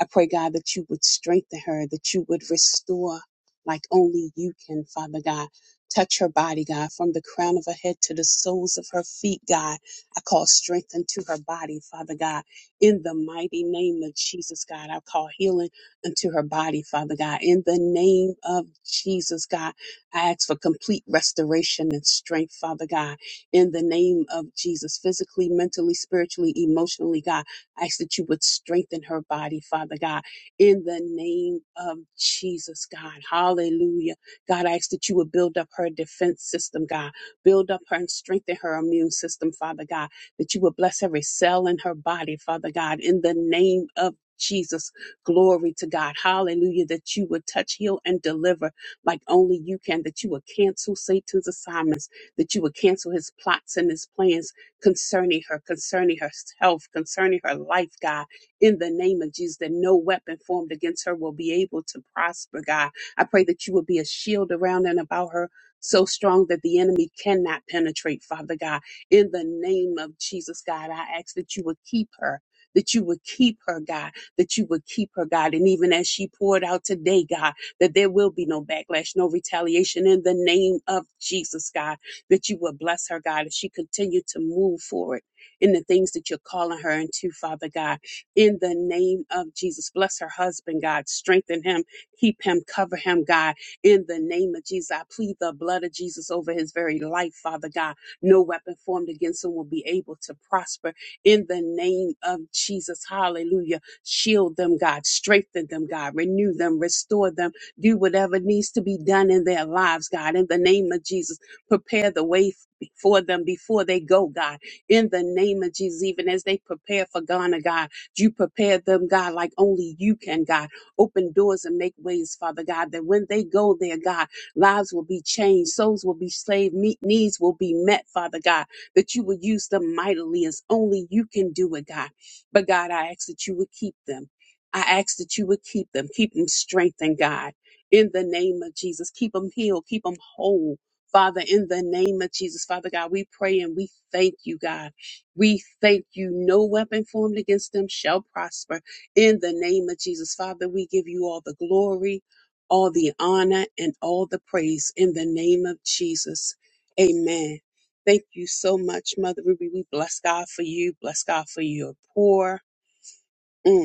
Speaker 2: I pray, God, that you would strengthen her, that you would restore like only you can, Father God. Touch her body, God, from the crown of her head to the soles of her feet, God. I call strength into her body, Father God. In the mighty name of Jesus, God, I call healing into her body, Father God. In the name of Jesus, God, I ask for complete restoration and strength, Father God. In the name of Jesus, physically, mentally, spiritually, emotionally, God. I ask that you would strengthen her body, Father God, in the name of Jesus, God. Hallelujah. God, I ask that you would build up her defense system, God. Build up her and strengthen her immune system, Father God. That you would bless every cell in her body, Father God, in the name of Jesus, glory to God. Hallelujah. That you would touch, heal, and deliver like only you can. That you would cancel Satan's assignments. That you would cancel his plots and his plans concerning her, concerning herself, concerning her life, God, in the name of Jesus, that no weapon formed against her will be able to prosper, God. I pray that you will be a shield around and about her. So strong that the enemy cannot penetrate, Father God. In the name of Jesus, God, I ask that you would keep her, that you would keep her, God, that you would keep her, God. And even as she poured out today, God, that there will be no backlash, no retaliation in the name of Jesus, God that you will bless her, God, as she continue to move forward in the things that you're calling her into, Father God. In the name of Jesus, bless her husband, God. Strengthen him, keep him, cover him, God. In the name of Jesus, I plead the blood of Jesus over his very life, Father God. No weapon formed against him will be able to prosper. In the name of Jesus, hallelujah. Shield them, God. Strengthen them, God. Renew them, restore them. Do whatever needs to be done in their lives, God. In the name of Jesus, Prepare the way for them before they go, God. In the name of Jesus, even as they prepare for Ghana, God, you prepare them, God, like only you can, God. Open doors and make ways, Father God, that when they go there, God, lives will be changed, souls will be saved, me- needs will be met, Father God, that you will use them mightily as only you can do it, God. But God, I ask that you would keep them. I ask that you would keep them, keep them strengthened, God. In the name of Jesus, keep them healed, keep them whole, Father, in the name of Jesus, Father God, we pray and we thank you, God. We thank you. No weapon formed against them shall prosper. In the name of Jesus, Father, we give you all the glory, all the honor, and all the praise in the name of Jesus. Amen. Thank you so much, Mother Ruby. We bless God for you. Bless God for your poor. mm,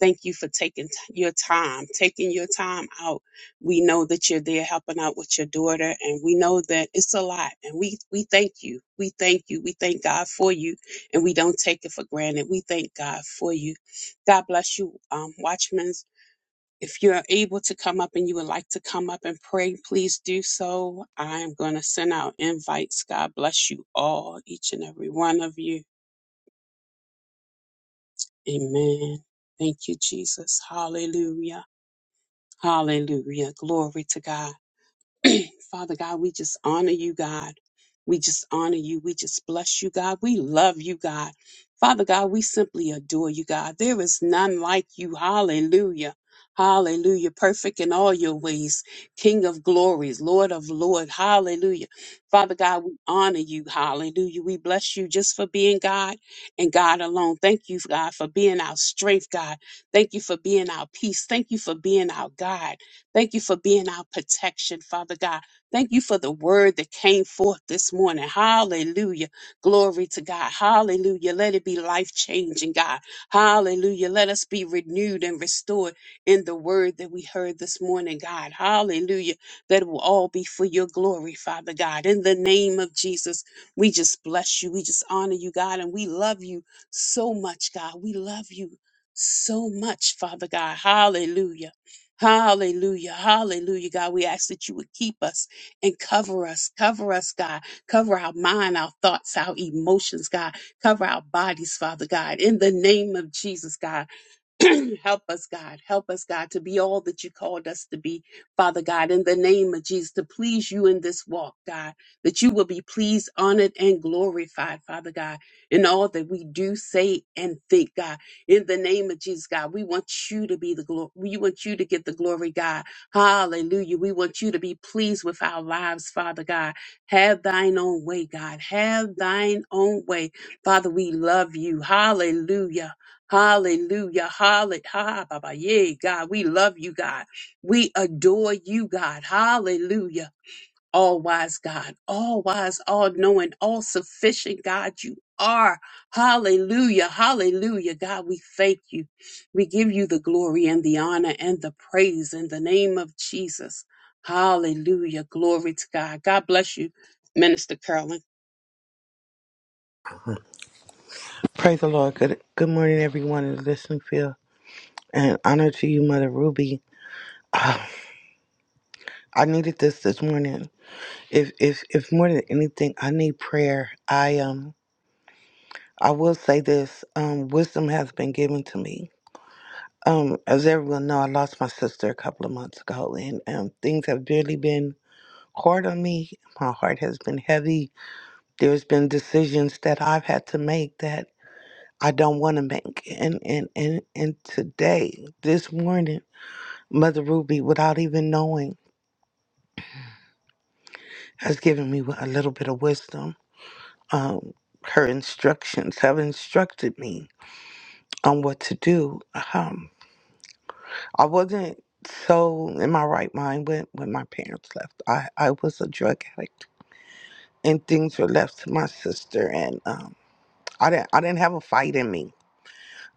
Speaker 2: Thank you for taking t- your time, taking your time out. We know that you're there helping out with your daughter, and we know that it's a lot. And we we thank you. We thank you. We thank God for you, and we don't take it for granted. We thank God for you. God bless you, um, Watchmen. If you're able to come up and you would like to come up and pray, please do so. I am going to send out invites. God bless you all, each and every one of you. Amen. Thank you, Jesus. Hallelujah. Hallelujah. Glory to God. Father God, we just honor you, God. We just honor you. We just bless you, God. We love you, God. Father God, we simply adore you, God. There is none like you. Hallelujah. Hallelujah. Perfect in all your ways. King of glories, Lord of Lord. Hallelujah. Father God, we honor you. Hallelujah. We bless you just for being God and God alone. Thank you, God, for being our strength, God. Thank you for being our peace. Thank you for being our God. Thank you for being our protection, Father God. Thank you for the word that came forth this morning. Hallelujah. Glory to God. Hallelujah. Let it be life changing, God. Hallelujah. Let us be renewed and restored in the word that we heard this morning, God. Hallelujah. That it will all be for your glory, Father God. In the name of Jesus, we just bless you. We just honor you, God. And we love you so much, God. We love you so much, Father God. Hallelujah. Hallelujah. Hallelujah, God. We ask that you would keep us and cover us. Cover us, God. Cover our mind, our thoughts, our emotions, God. Cover our bodies, Father God. In the name of Jesus, God. help us, God. Help us, God, to be all that you called us to be, Father God, in the name of Jesus, to please you in this walk, God, that you will be pleased, honored, and glorified, Father God, in all that we do, say, and think, God. In the name of Jesus, God, we want you to be the glory. We want you to get the glory, God. Hallelujah. We want you to be pleased with our lives, Father God. Have thine own way, God. Have thine own way. Father, we love you. Hallelujah. Hallelujah. Hallelujah. Ha, Baba. Yay, God. We love you, God. We adore you, God. Hallelujah. All wise God, all wise, all knowing, all sufficient God, you are. Hallelujah. Hallelujah. God, we thank you. We give you the glory and the honor and the praise in the name of Jesus. Hallelujah. Glory to God. God bless you, Minister Carolyn.
Speaker 3: Praise the Lord. Good good morning, everyone in the listening field, and honor to you, Mother Ruby. Ah, I needed this this morning. If if if more than anything, I need prayer. I um I will say this. Um, wisdom has been given to me. Um, as everyone know, I lost my sister a couple of months ago, and um, things have really been hard on me. My heart has been heavy. There's been decisions that I've had to make that I don't want to make, and and and and today, this morning. Mother Ruby, without even knowing, has given me a little bit of wisdom. Um, her instructions have instructed me on what to do. Um, I wasn't so in my right mind when, when my parents left. I, I was a drug addict, and things were left to my sister, and um, I didn't I didn't have a fight in me.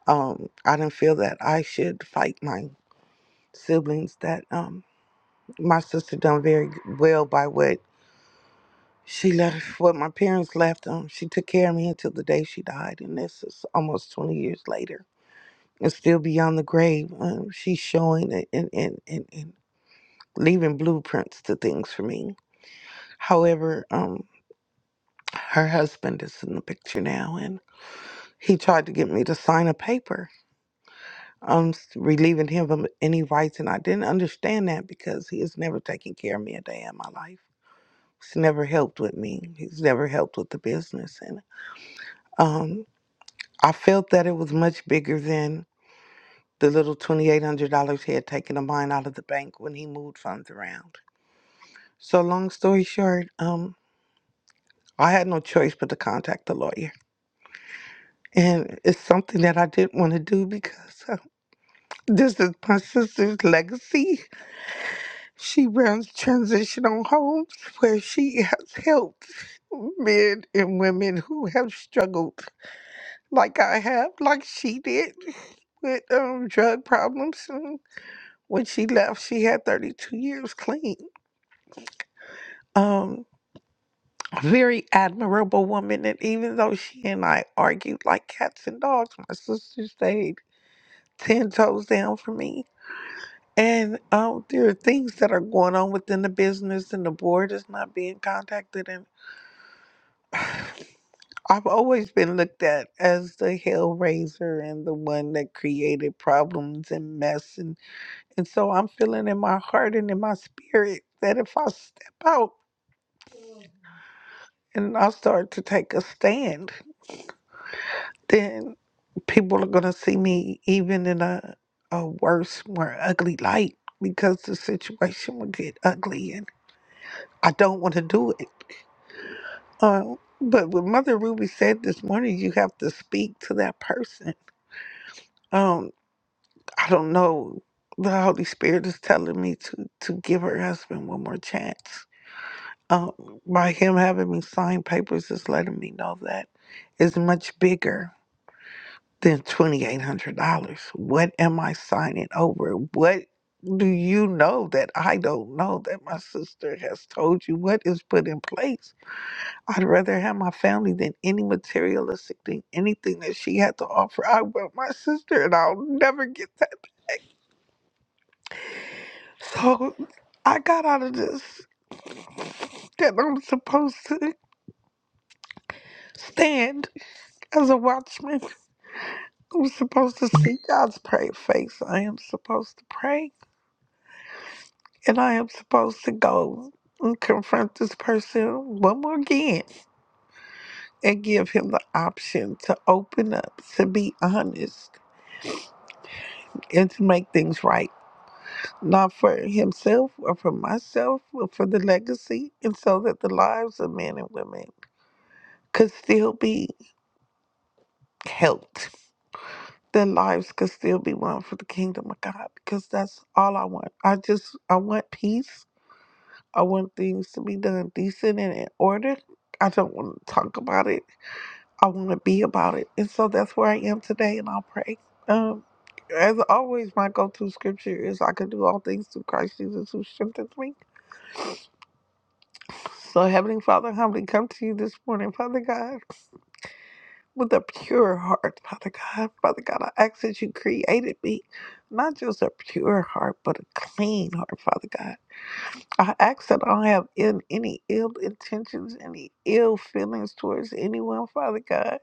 Speaker 3: Um, I didn't feel that I should fight my siblings. That um, my sister done very well by what She left what my parents left them. She took care of me until the day she died, and this is almost 20 years later. And still beyond the grave, um, she's showing it and, and, and, and leaving blueprints to things for me. However, um, her husband is in the picture now, and he tried to get me to sign a paper um, s- relieving him of any rights, and I didn't understand that because he has never taken care of me a day in my life. He's never helped with me. He's never helped with the business, and um, I felt that it was much bigger than the little $2,800 he had taken of mine out of the bank when he moved funds around. So, long story short, um, I had no choice but to contact the lawyer. And it's something that I didn't want to do because uh, this is my sister's legacy. She runs transitional homes where she has helped men and women who have struggled like I have, like she did with um, drug problems. When she left, she had 32 years clean. Um, a very admirable woman. And even though she and I argued like cats and dogs, my sister stayed 10 toes down for me. And um, there are things that are going on within the business, and the board is not being contacted. And I've always been looked at as the hellraiser and the one that created problems and mess. And, and so I'm feeling in my heart and in my spirit that if I step out, and I start to take a stand, then people are gonna see me even in a a worse, more ugly light because the situation will get ugly, and I don't want to do it. Um, but what Mother Ruby said this morning, you have to speak to that person. Um, I don't know. The Holy Spirit is telling me to to give her husband one more chance. Um, by him having me sign papers, is letting me know that it's much bigger than $2,800. What am I signing over? What do you know that I don't know that my sister has told you what is put in place? I'd rather have my family than any materialistic thing, anything that she had to offer. I want my sister and I'll never get that. So I got out of this that I'm supposed to stand as a watchman. I'm supposed to see God's pray face. I am supposed to pray and I am supposed to go and confront this person one more again and give him the option to open up, to be honest, and to make things right, not for himself or for myself, but for the legacy, and so that the lives of men and women could still be helped. Their lives could still be won for the kingdom of God because that's all I want. I just I want peace. I want things to be done decent and in order. I don't want to talk about it. I want to be about it. And so that's where I am today, and I'll pray. Um, as always, my go to scripture is I can do all things through Christ Jesus who strengthens me. So, Heavenly Father, humbly come to you this morning, Father God, with a pure heart, Father God. Father God, I ask that you created me, not just a pure heart, but a clean heart, Father God. I ask that I don't have in, any ill intentions, any ill feelings towards anyone, Father God.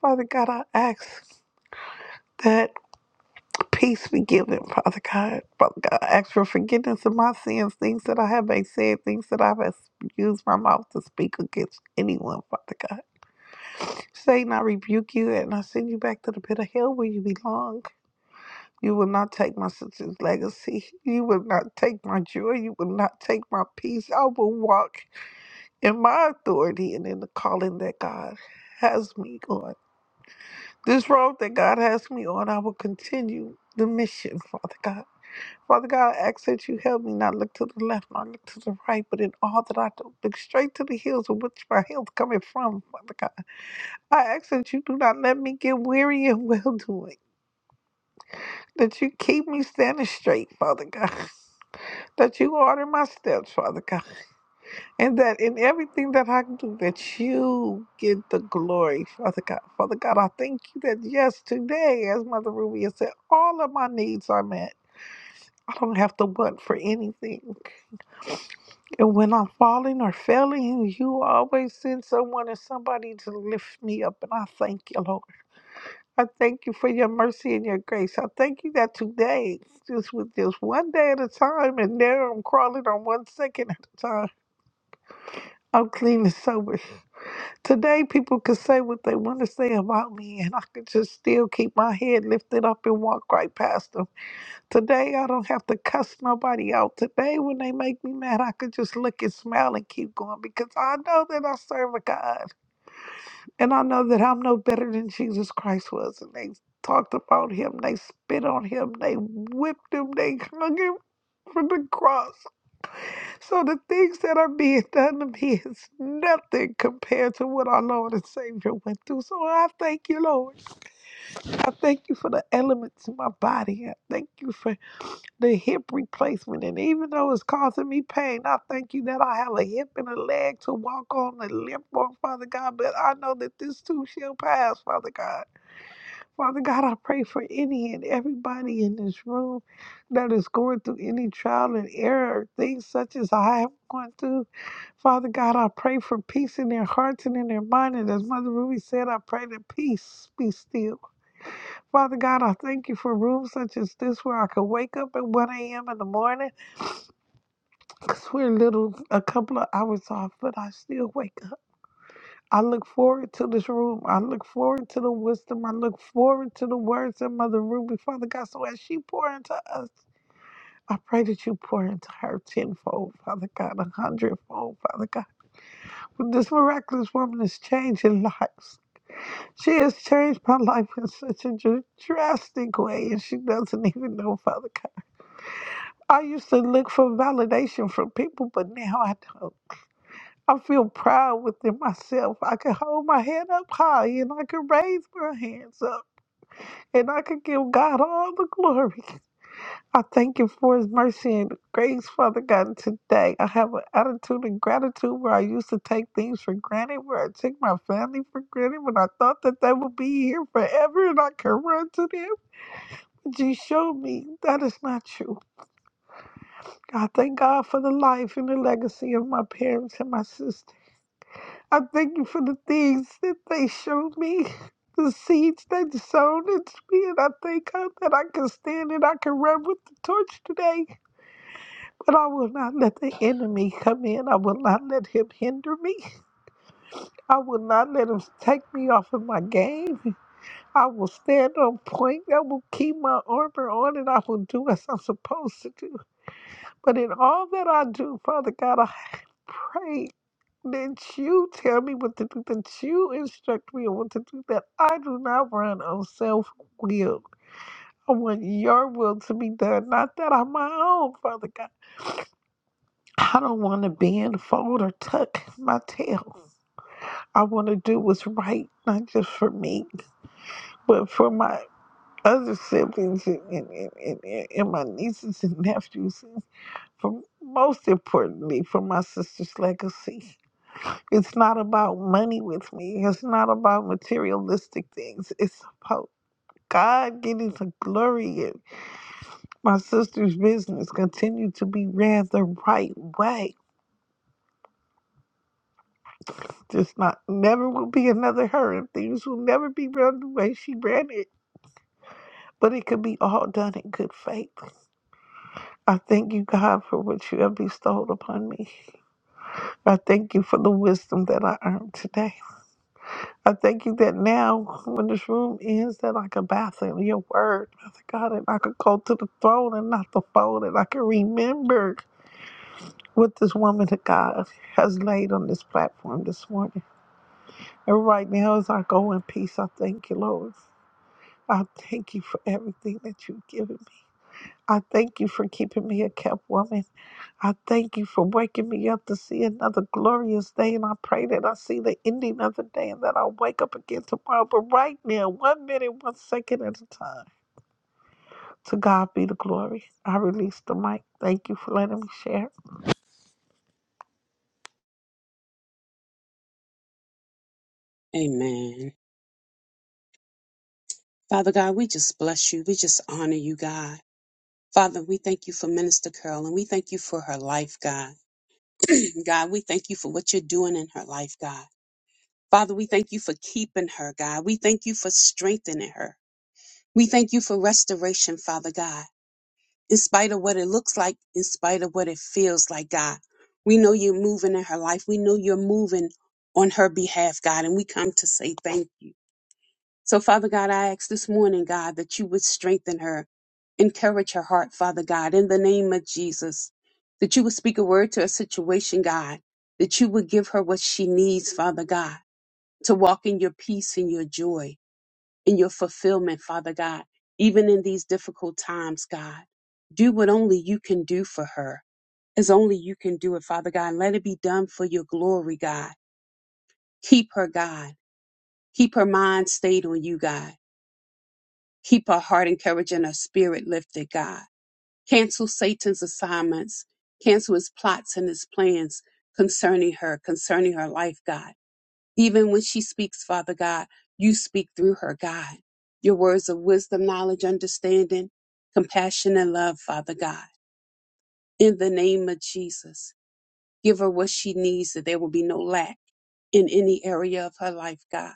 Speaker 3: Father God, I ask that. Peace be given, Father God. Father God, I ask for forgiveness of my sins, things that I have not said, things that I have used my mouth to speak against anyone, Father God. Satan, I rebuke you and I send you back to the pit of hell where you belong. You will not take my sister's legacy. You will not take my joy. You will not take my peace. I will walk in my authority and in the calling that God has me on. This road that God has me on, I will continue the mission, Father God. Father God, I ask that you help me not look to the left, not look to the right, but in all that I do, look straight to the hills of which my help coming from, Father God. I ask that you do not let me get weary in well doing, that you keep me standing straight, Father God, that you order my steps, Father God, and that in everything that I do, that you get the glory, Father God. Father God, I thank you that yes, today, as Mother Ruby has said, all of my needs are met. I don't have to want for anything. And when I'm falling or failing, you always send someone and somebody to lift me up. And I thank you, Lord. I thank you for your mercy and your grace. I thank you that today, just with just one day at a time, and now I'm crawling on one second at a time. I'm clean and sober. Today, people can say what they want to say about me, and I can just still keep my head lifted up and walk right past them. Today I don't have to cuss nobody out. Today when they make me mad, I could just look and smile and keep going because I know that I serve a God. And I know that I'm no better than Jesus Christ was. And they talked about him, they spit on him, they whipped him, they hung him from the cross. So the things that are being done to me is nothing compared to what our Lord and Savior went through. So I thank you, Lord. I thank you for the elements in my body. I thank you for the hip replacement. And even though it's causing me pain, I thank you that I have a hip and a leg to walk on and limp on, Father God. But I know that this too shall pass, Father God. Father God, I pray for any and everybody in this room that is going through any trial and error, things such as I have gone through. Father God, I pray for peace in their hearts and in their mind. And as Mother Ruby said, I pray that peace be still. Father God, I thank you for rooms such as this where I could wake up at 1 a.m. in the morning Cause we're little a couple of hours off, but I still wake up. I look forward to this room. I look forward to the wisdom. I look forward to the words that Mother Ruby, Father God. So as she pour into us, I pray that you pour into her tenfold, Father God, a hundredfold, Father God. But this miraculous woman is changing lives. She has changed my life in such a dr- drastic way, and she doesn't even know, Father God. I used to look for validation from people, but now I don't. I feel proud within myself. I can hold my head up high and I can raise my hands up and I can give God all the glory. I thank you for his mercy and grace, Father God, and today. I have an attitude of gratitude where I used to take things for granted, where I took my family for granted, when I thought that they would be here forever and I could run to them. But you showed me that is not true. I thank God for the life and the legacy of my parents and my sister. I thank you for the things that they showed me, the seeds that sown into me, and I thank God that I can stand and I can run with the torch today. But I will not let the enemy come in. I will not let him hinder me. I will not let him take me off of my game. I will stand on point. I will keep my armor on and I will do as I'm supposed to do. But in all that I do, Father God, I pray Did you tell me what to do? Did you instruct me on what to do? That I do not run on self will. I want your will to be done, not that on my own, Father God. I don't want to bend, fold, or tuck my tail. I want to do what's right, not just for me, but for my other siblings and, and, and, and, and and my nieces and nephews. and For most importantly, for my sister's legacy. It's not about money with me. It's not about materialistic things. It's about God getting the glory in my sister's business. Continue to be ran the right way. There's not never will be another her, and things will never be run the way she ran it. But it could be all done in good faith. I thank you, God, for what you have bestowed upon me. I thank you for the wisdom that I earned today. I thank you that now, when this room ends, that I can bask in your word. Father God, and I could go to the throne and not the phone, and I can remember what this woman of God has laid on this platform this morning. And right now, as I go in peace, I thank you, Lord. I thank you for everything that you've given me. I thank you for keeping me a kept woman. I thank you for waking me up to see another glorious day. And I pray that I see the ending of the day and that i wake up again tomorrow. But right now, one minute, one second at a time. To God be the glory. I release the mic. Thank you for letting me share.
Speaker 2: Amen. Father God, we just bless you. We just honor you, God. Father, we thank you for Minister Carol and we thank you for her life, God. God, we thank you for what you're doing in her life, God. Father, we thank you for keeping her, God. We thank you for strengthening her. We thank you for restoration, Father God. In spite of what it looks like, in spite of what it feels like, God, we know you're moving in her life. We know you're moving on her behalf, God, and we come to say thank you. So, Father God, I ask this morning, God, that you would strengthen her, encourage her heart, Father God, in the name of Jesus, that you would speak a word to her situation, God, that you would give her what she needs, Father God, to walk in your peace and your joy and your fulfillment, Father God, even in these difficult times, God. Do what only you can do for her, as only you can do it, Father God. and Let it be done for your glory, God. Keep her, God. Keep her mind stayed on you, God Keep her heart encouraged and her spirit lifted, God. Cancel Satan's assignments. Cancel his plots and his plans concerning her, concerning her life, God. Even when she speaks, Father God, you speak through her, God. Your words of wisdom, knowledge, understanding, compassion, and love, Father God. In the name of Jesus, give her what she needs that there will be no lack in any area of her life, God.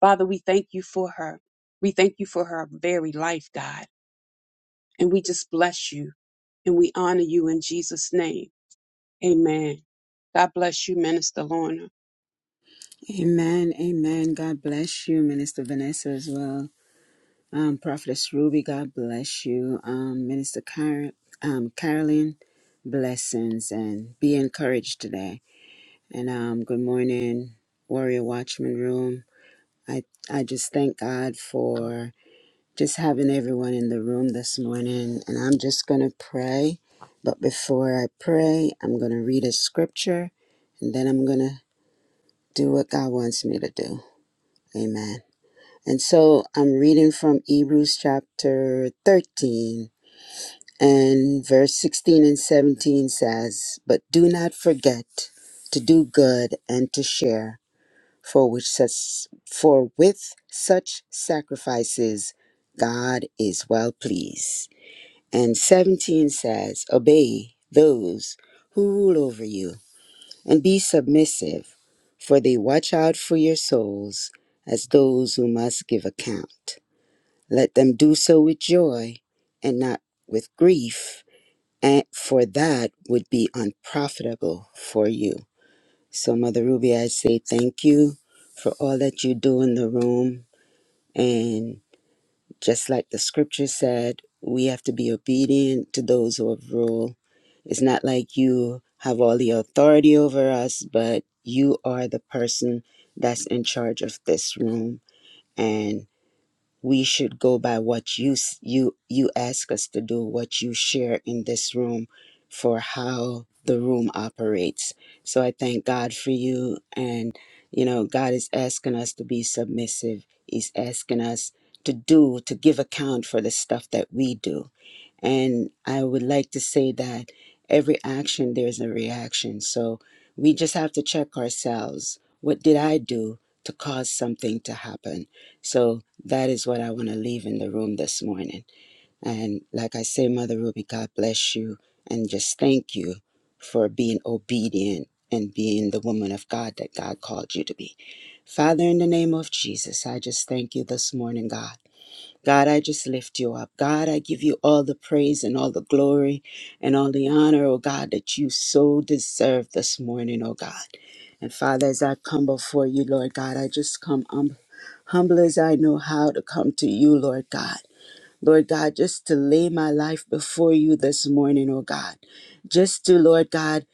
Speaker 2: Father, we thank you for her. We thank you for her very life, God. And we just bless you and we honor you in Jesus' name. Amen. God bless you, Minister Lorna.
Speaker 4: Amen. Amen. God bless you, Minister Vanessa, as well. Um, Prophetess Ruby, God bless you. Um, Minister Karen, um, Carolyn, blessings and be encouraged today. And um, good morning, Warrior Watchman Room. I, I just thank God for just having everyone in the room this morning. And I'm just going to pray. But before I pray, I'm going to read a scripture and then I'm going to do what God wants me to do. Amen. And so I'm reading from Hebrews chapter 13 and verse 16 and 17 says, But do not forget to do good and to share, for which such, for with such sacrifices God is well pleased. And 17 says, Obey those who rule over you and be submissive, for they watch out for your souls as those who must give account. Let them do so with joy and not with grief, and for that would be unprofitable for you. So, Mother Ruby, I say thank you for all that you do in the room. And just like the scripture said, we have to be obedient to those who have rule. It's not like you have all the authority over us, but you are the person that's in charge of this room. and we should go by what you s- you you ask us to do what you share in this room for how the room operates so i thank god for you and you know god is asking us to be submissive he's asking us to do to give account for the stuff that we do and I would like to say that every action, there's a reaction. So we just have to check ourselves. What did I do to cause something to happen? So that is what I want to leave in the room this morning. And like I say, Mother Ruby, God bless you. And just thank you for being obedient and being the woman of God that God called you to be. Father, in the name of Jesus, I just thank you this morning, God. God, I just lift you up. God, I give you all the praise and all the glory and all the honor, oh God, that you so deserve this morning, oh God. And Father, as I come before you, Lord God, I just come um, humble as I know how to come to you, Lord God. Lord God, just to lay my life before you this morning, oh God. Just to, Lord God,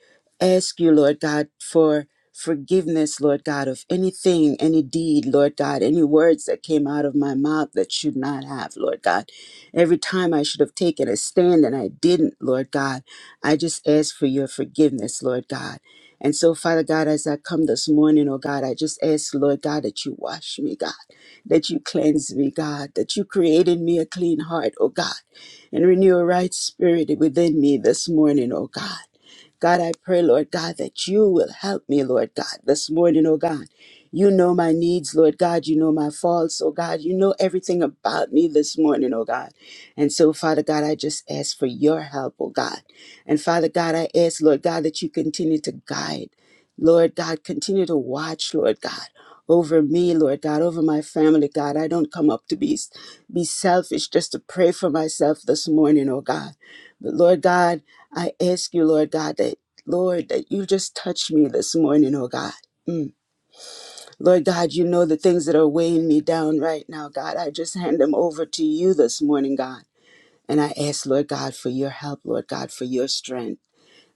Speaker 4: ask you, Lord God, for forgiveness, Lord God, of anything, any deed, Lord God, any words that came out of my mouth that should not have, Lord God. Every time I should have taken a stand and I didn't, Lord God, I just ask for your forgiveness, Lord God. And so, Father God, as I come this morning, oh God, I just ask, Lord God, that you wash me, God that you cleanse me, God, that you create in me a clean heart, oh God, and renew a right spirit within me this morning, oh God. God, I pray, Lord God, that you will help me, Lord God, this morning, oh God. You know my needs, Lord God. You know my faults, oh God. You know everything about me this morning, oh God. And so, Father God, I just ask for your help, oh God. And Father God, I ask, Lord God, that you continue to guide. Lord God, continue to watch, Lord God over me, Lord God, over my family, God. I don't come up to be, be selfish just to pray for myself this morning, oh God. But Lord God, I ask you, Lord God, that, Lord, that you just touch me this morning, oh God. Mm. Lord God, you know the things that are weighing me down right now, God. I just hand them over to you this morning, God. And I ask, Lord God, for your help, Lord God, for your strength.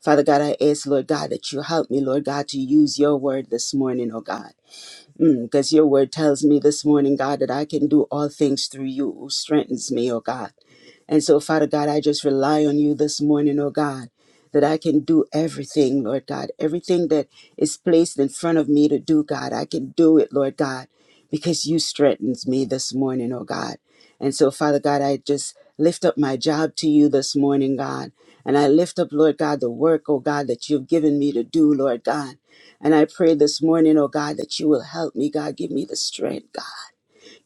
Speaker 4: Father God, I ask, Lord God, that you help me, Lord God, to use your word this morning, oh God. Because your word tells me this morning, God, that I can do all things through you who strengthens me, oh God. And so, Father God, I just rely on you this morning, oh God, that I can do everything, Lord God. Everything that is placed in front of me to do, God, I can do it, Lord God, because you strengthens me this morning, oh God. And so, Father God, I just lift up my job to you this morning, God. And I lift up, Lord God, the work, oh God, that you've given me to do, Lord God. And I pray this morning, oh God, that you will help me, God. Give me the strength, God.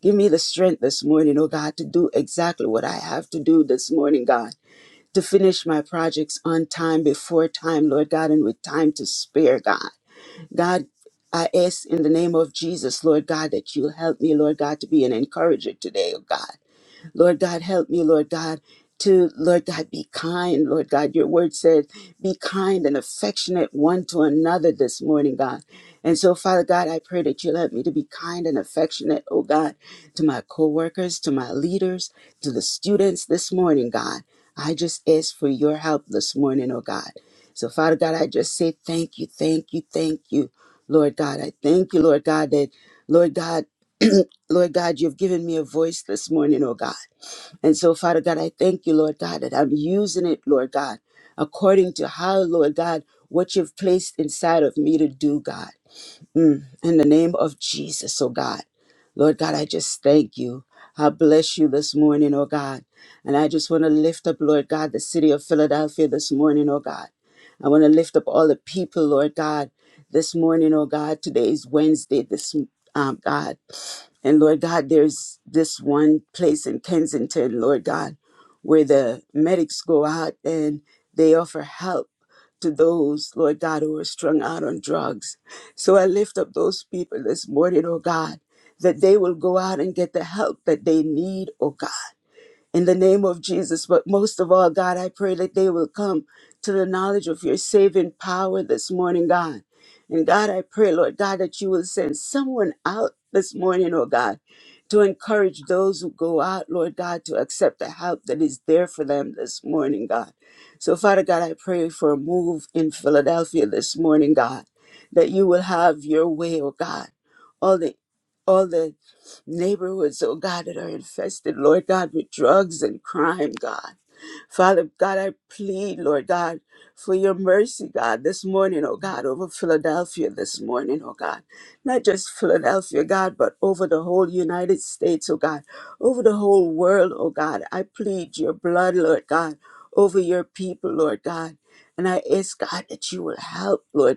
Speaker 4: Give me the strength this morning, oh God, to do exactly what I have to do this morning, God. To finish my projects on time, before time, Lord God, and with time to spare, God. God, I ask in the name of Jesus, Lord God, that you'll help me, Lord God, to be an encourager today, oh God. Lord God, help me, Lord God, to, Lord God, be kind. Lord God, your word says, be kind and affectionate one to another this morning, God. And so, Father God, I pray that you'll help me to be kind and affectionate, oh God, to my coworkers, to my leaders, to the students this morning, God. I just ask for your help this morning, oh God. So, Father God, I just say thank you, thank you, thank you, Lord God. I thank you, Lord God, that, Lord God, Lord God, you've given me a voice this morning, oh God. And so, Father God, I thank you, Lord God, that I'm using it, Lord God, according to how, Lord God, what you've placed inside of me to do, God. Mm, in the name of Jesus, oh God. Lord God, I just thank you. I bless you this morning, oh God. And I just want to lift up, Lord God, the city of Philadelphia this morning, oh God. I want to lift up all the people, Lord God, this morning, oh God. Today is Wednesday, this um, God. And Lord God, there's this one place in Kensington, Lord God, where the medics go out and they offer help to those, Lord God, who are strung out on drugs. So I lift up those people this morning, oh God, that they will go out and get the help that they need, oh God in the name of Jesus. But most of all, God, I pray that they will come to the knowledge of your saving power this morning, God. And God, I pray, Lord God, that you will send someone out this morning, oh God, to encourage those who go out, Lord God, to accept the help that is there for them this morning, God. So, Father God, I pray for a move in Philadelphia this morning, God, that you will have your way, oh God. All the all the neighborhoods, oh God, that are infested, Lord God, with drugs and crime, God. Father God, I plead, Lord God, for your mercy, God, this morning, oh God, over Philadelphia this morning, oh God. Not just Philadelphia, God, but over the whole United States, oh God, over the whole world, oh God. I plead your blood, Lord God, over your people, Lord God. And I ask, God, that you will help, Lord God.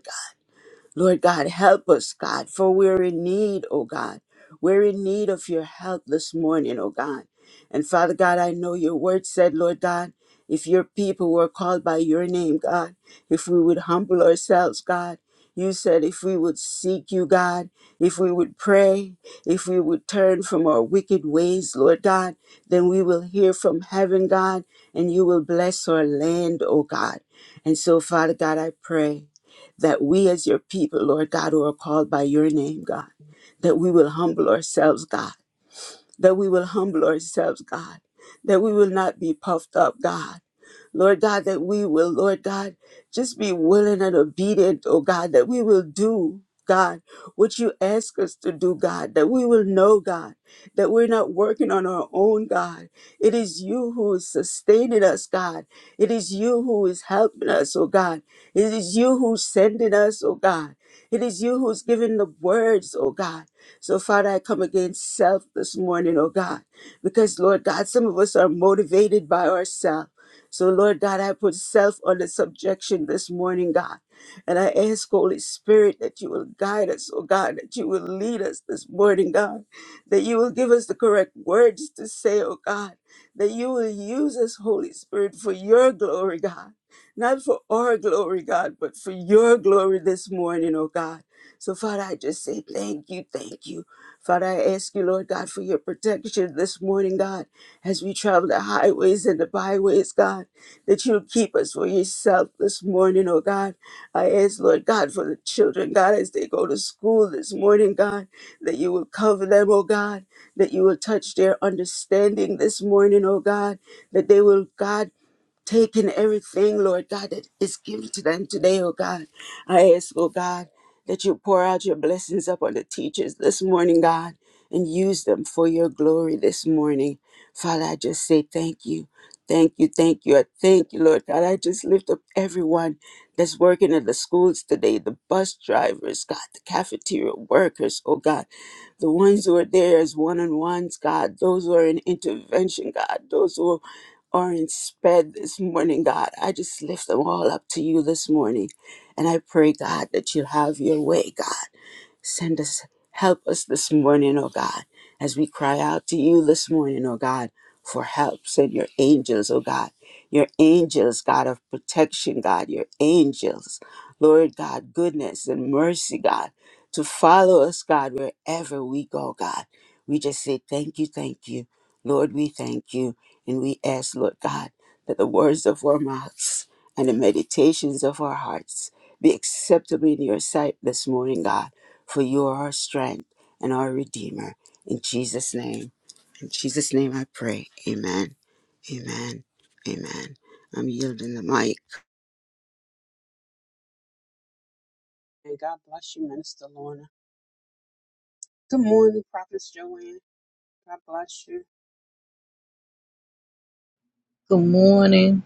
Speaker 4: Lord God, help us, God, for we're in need, oh God. We're in need of your help this morning, oh God. And Father God, I know your word said, Lord God, if your people were called by your name, God, if we would humble ourselves, God, you said if we would seek you, God, if we would pray, if we would turn from our wicked ways, Lord God, then we will hear from heaven, God, and you will bless our land, oh God. And so, Father God, I pray that we as your people, Lord God, who are called by your name, God, that we will humble ourselves, God, that we will humble ourselves, God, that we will not be puffed up, God Lord God, that we will, Lord God, just be willing and obedient, oh God, that we will do, God, what you ask us to do, God, that we will know, God, that we're not working on our own, God. It is you who is sustaining us, God. It is you who is helping us, oh God. It is you who's sending us, oh God. It is you who's giving the words, oh God. So, Father, I come against self this morning, oh God, because, Lord God, some of us are motivated by ourselves. So, Lord God, I put self under subjection this morning, God. And I ask, Holy Spirit, that you will guide us, oh God, that you will lead us this morning, God, that you will give us the correct words to say, oh God, that you will use us, Holy Spirit, for your glory, God. Not for our glory, God, but for your glory this morning, oh God. So, Father, I just say thank you, thank you. Father, I ask you, Lord God, for your protection this morning, God as we travel the highways and the byways, God, that you will keep us for yourself this morning, oh God. I ask, Lord God, for the children, God, as they go to school this morning, God, that you will cover them, oh God, that you will touch their understanding this morning, oh God, that they will, God, taking everything, Lord God, that is given to them today, oh God. I ask, oh God, that you pour out your blessings upon the teachers this morning, God, and use them for your glory this morning. Father, I just say thank you. Thank you, thank you. I thank you, Lord God. I just lift up everyone that's working at the schools today, the bus drivers, God, the cafeteria workers, oh God, the ones who are there as one on ones, God, those who are in intervention, God, those who are Orange bed this morning, God. I just lift them all up to you this morning. And I pray, God, that you have your way, God. Send us, help us this morning, O God, as we cry out to you this morning, O God, for help. Send your angels, O God, your angels, God of protection, God, your angels, Lord God, goodness and mercy, God, to follow us, God, wherever we go, God. We just say, Thank you, thank you. Lord, we thank you. And we ask, Lord God, that the words of our mouths and the meditations of our hearts be acceptable in your sight this morning, God for you are our strength and our Redeemer. In Jesus' name, in Jesus' name I pray. Amen. Amen. Amen. I'm yielding the mic.
Speaker 2: And God bless you, Minister Lorna. Good morning, Prophetess Joanne. God bless you.
Speaker 5: Good morning.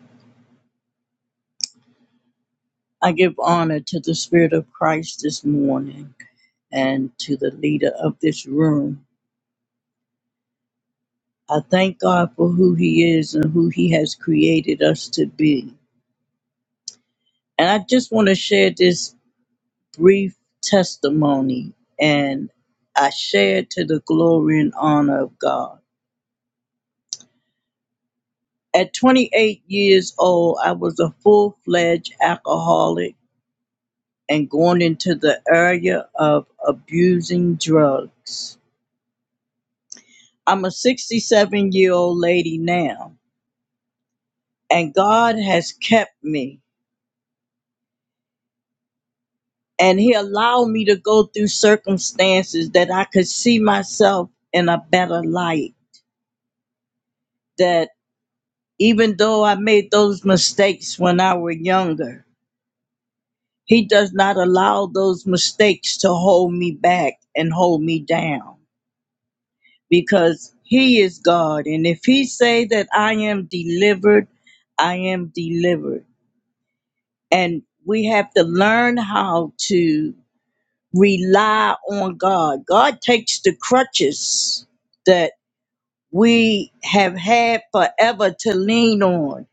Speaker 5: I give honor to the Spirit of Christ this morning and to the leader of this room. I thank God for who He is and who He has created us to be. And I just want to share this brief testimony, and I share it to the glory and honor of God. At 28 years old, I was a full fledged alcoholic and going into the area of abusing drugs. I'm a 67 year old lady now, and God has kept me. And He allowed me to go through circumstances that I could see myself in a better light. That even though I made those mistakes when I were younger, He does not allow those mistakes to hold me back and hold me down because He is God. And if He say that I am delivered, I am delivered and we have to learn how to rely on God. God takes the crutches that we have had forever to lean on.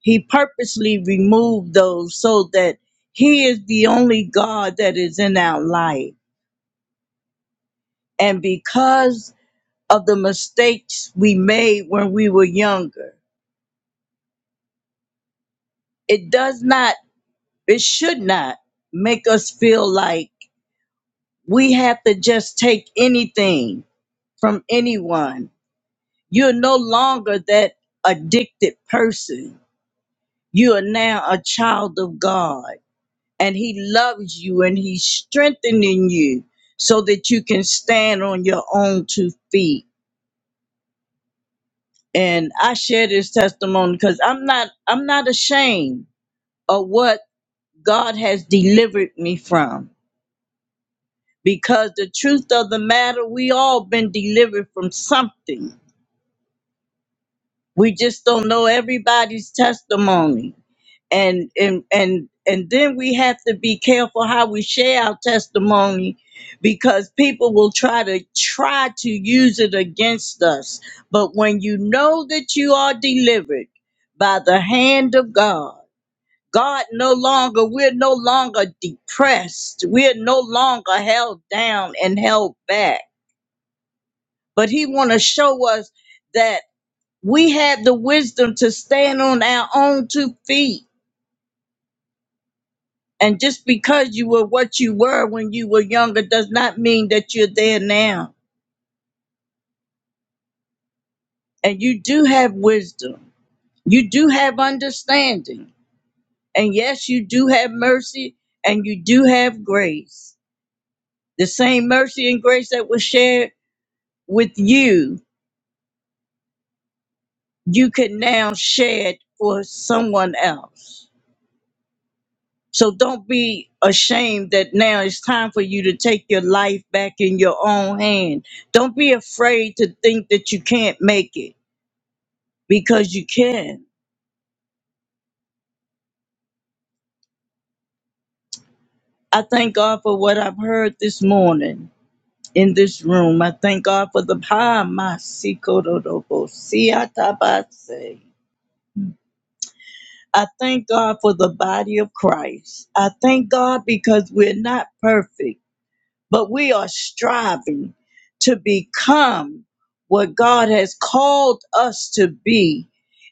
Speaker 5: He purposely removed those so that He is the only God that is in our life. And because of the mistakes we made when we were younger, it does not, it should not make us feel like we have to just take anything from anyone. You're no longer that addicted person. You are now a child of God, and He loves you and He's strengthening you so that you can stand on your own two feet. And I share this testimony because I'm not I'm not ashamed of what God has delivered me from. Because the truth of the matter, we all been delivered from something. We just don't know everybody's testimony and and and and then we have to be careful how we share our testimony because people will try to try to use it against us but when you know that you are delivered by the hand of god god no longer we're no longer depressed we're no longer held down and held back but he want to show us that we have the wisdom to stand on our own two feet And just because you were what you were when you were younger does not mean that you're there now. And you do have wisdom, you do have understanding. And yes, you do have mercy and you do have grace. The same mercy and grace that was shared with you, you can now share it for someone else. So don't be ashamed that now it's time for you to take your life back in your own hand. Don't be afraid to think that you can't make it because you can. I thank God for what I've heard this morning in this room. I thank God for the ha masikododobo, siatabase. I thank God for the body of Christ. I thank God because we're not perfect, but we are striving to become what God has called us to be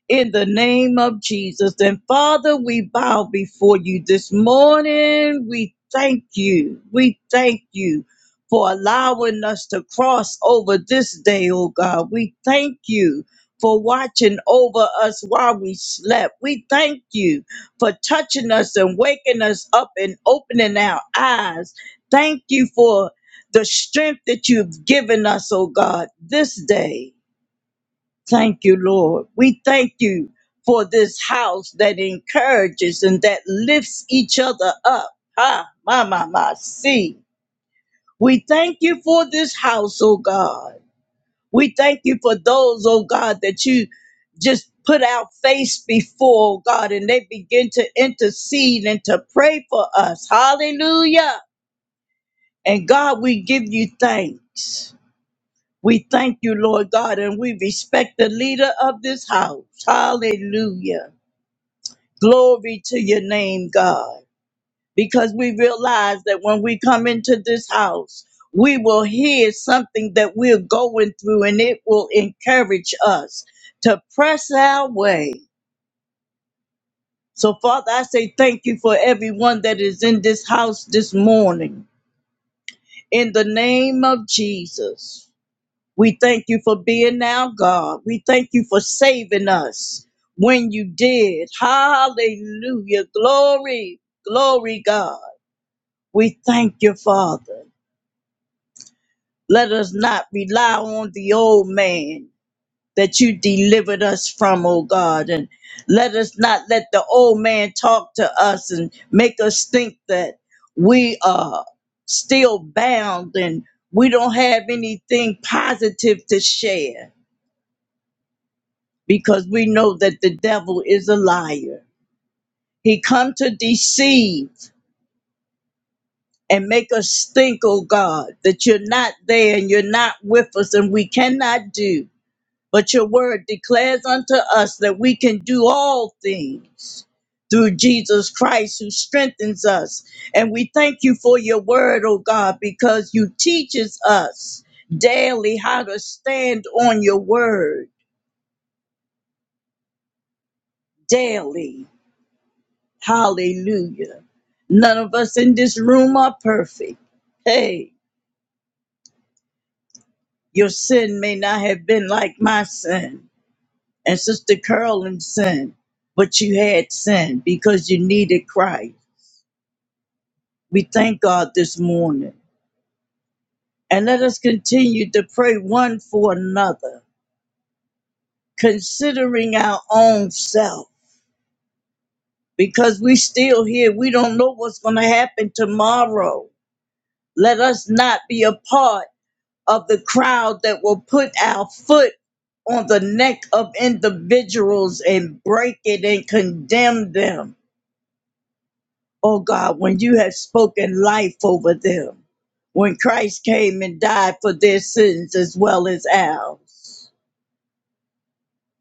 Speaker 5: in the name of Jesus. And Father, we bow before you this morning. We thank you. We thank you for allowing us to cross over this day, oh God. We thank you for watching over us while we slept. We thank you for touching us and waking us up and opening our eyes. Thank you for the strength that you've given us, oh God, this day. Thank you, Lord. We thank you for this house that encourages and that lifts each other up. Ha, ma, ma, ma, see. We thank you for this house, oh God. We thank you for those, oh God, that you just put our face before, oh God, and they begin to intercede and to pray for us. Hallelujah. And God, we give you thanks. We thank you, Lord God, and we respect the leader of this house. Hallelujah. Glory to your name, God, because we realize that when we come into this house, we will hear something that we're going through and it will encourage us to press our way. So, Father, I say thank you for everyone that is in this house this morning. In the name of Jesus. We thank you for being now, God. We thank you for saving us when you did. Hallelujah. Glory, glory, God. We thank you, Father. Let us not rely on the old man that you delivered us from, oh God. And let us not let the old man talk to us and make us think that we are still bound and we don't have anything positive to share. because we know that the devil is a liar. He come to deceive and make us think, oh God, that you're not there and you're not with us and we cannot do. But your word declares unto us that we can do all things through Jesus Christ who strengthens us. And we thank you for your word, oh God, because you teaches us daily how to stand on your word daily Hallelujah. None of us in this room are perfect. Hey, your sin may not have been like my sin and Sister Carolyn's sin, but you had sin because you needed Christ. We thank God this morning. And let us continue to pray one for another, considering our own self, because we still here. We don't know what's going to happen tomorrow. Let us not be apart of the crowd that will put our foot on the neck of individuals and break it and condemn them. Oh God, when you have spoken life over them, when Christ came and died for their sins as well as ours.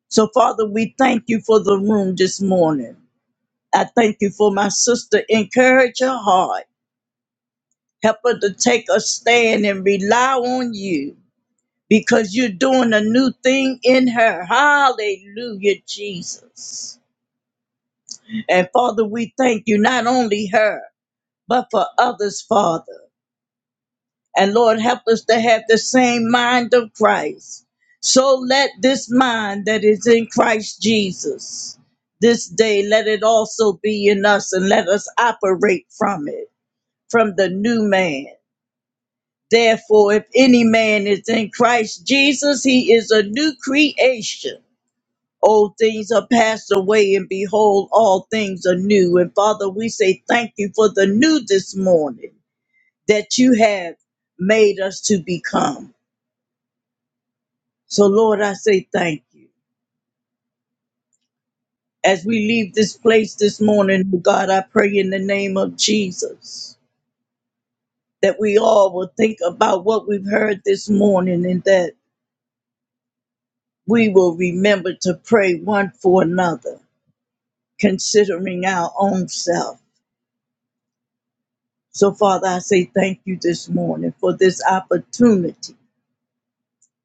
Speaker 5: So, Father, we thank you for the room this morning. I thank you for my sister. Encourage her heart. Help her to take a stand and rely on you because you're doing a new thing in her. Hallelujah, Jesus. And Father, we thank you not only her, but for others, Father. And Lord, help us to have the same mind of Christ. So let this mind that is in Christ Jesus this day, let it also be in us and let us operate from it, from the new man. Therefore, if any man is in Christ Jesus, he is a new creation Old things are passed away, and behold, all things are new. And Father, we say thank you for the new this morning that you have made us to become. So, Lord, I say thank you. As we leave this place this morning, oh God, I pray in the name of Jesus that we all will think about what we've heard this morning and that we will remember to pray one for another, considering our own self. So, Father, I say thank you this morning for this opportunity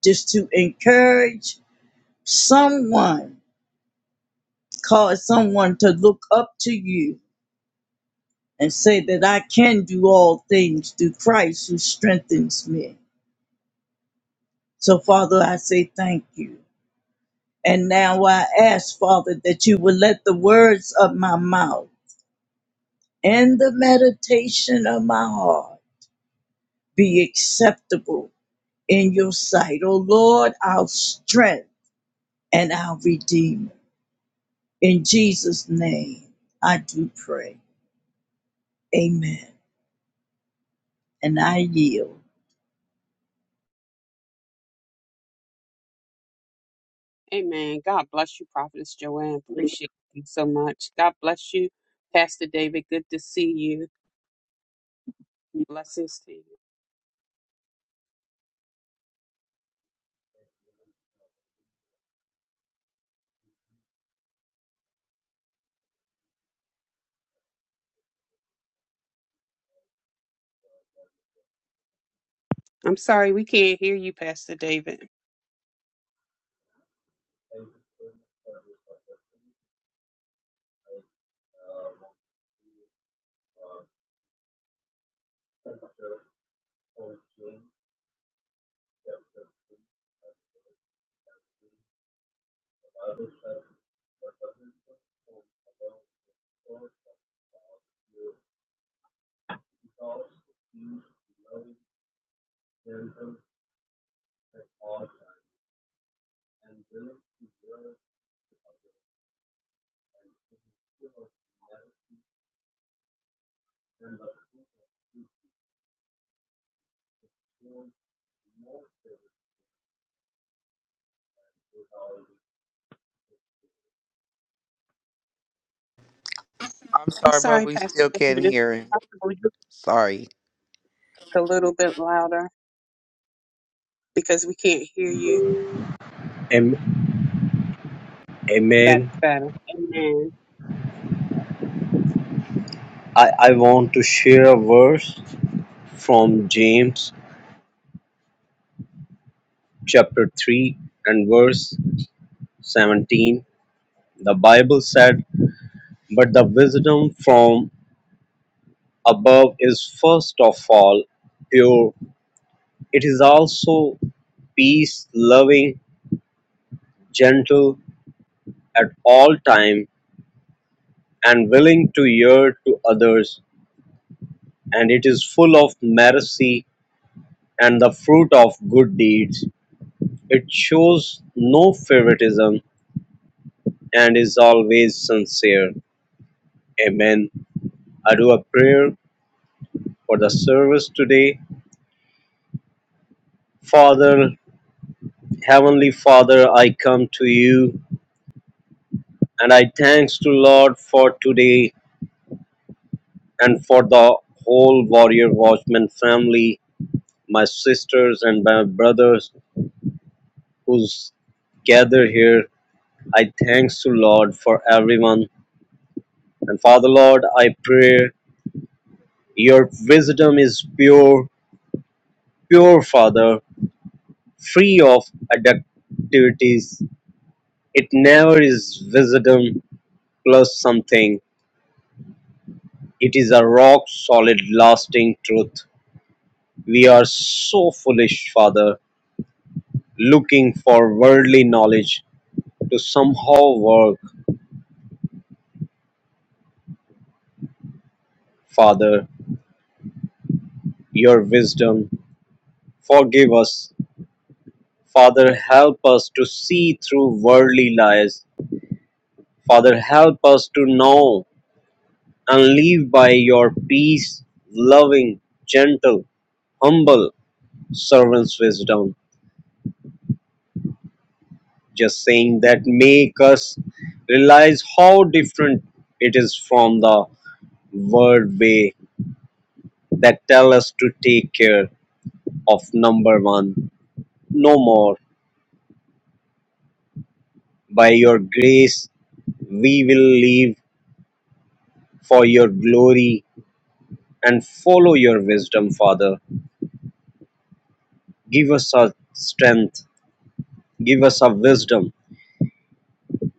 Speaker 5: just to encourage someone, cause someone to look up to you and say that I can do all things through Christ who strengthens me. So, Father, I say thank you. And now I ask, Father, that you would let the words of my mouth and the meditation of my heart be acceptable in your sight. O Lord, our strength and our Redeemer. In Jesus' name, I do pray. Amen. And I yield.
Speaker 2: Amen. God bless you, Prophetess Joanne. Appreciate you so much. God bless you, Pastor David. Good to see you. Blessings to you. I'm sorry we can't hear you, Pastor David.
Speaker 3: I'm
Speaker 2: I'm
Speaker 3: sorry, but
Speaker 2: sorry,
Speaker 3: we
Speaker 2: Pastor
Speaker 3: still can't
Speaker 2: David. If
Speaker 3: hear him.
Speaker 2: possible, you
Speaker 3: Sorry.
Speaker 2: speak a little bit louder because we can't hear you.
Speaker 6: Am-
Speaker 2: That's
Speaker 6: Amen.
Speaker 2: better. Amen.
Speaker 6: I, I want to share a verse from James chapter 3 and verse 17. The Bible said, But the wisdom from above is first of all pure. It is also peace, loving, gentle at all time, and willing to hear to others. And it is full of mercy and the fruit of good deeds It shows no favoritism and is always sincere. Amen. I do a prayer for the service today. Father, Heavenly Father, I come to you and I thanks to Lord for today and for the whole Warrior Watchman family, my sisters and my brothers who's gather here. I thanks to Lord for everyone. And Father Lord, I pray your wisdom is pure pure father, free of adductivities. It never is wisdom plus something. It is a rock solid, lasting truth. We are so foolish, Father, looking for worldly knowledge to somehow work. Father, your wisdom, forgive us. Father, help us to see through worldly lies. Father, help us to know and live by your peace, loving, gentle, humble servant's wisdom, just saying that make us realize how different it is from the word way that tell us to take care of number one. No more. By your grace, we will live for your glory and follow your wisdom, Father. Give us a strength, give us a wisdom,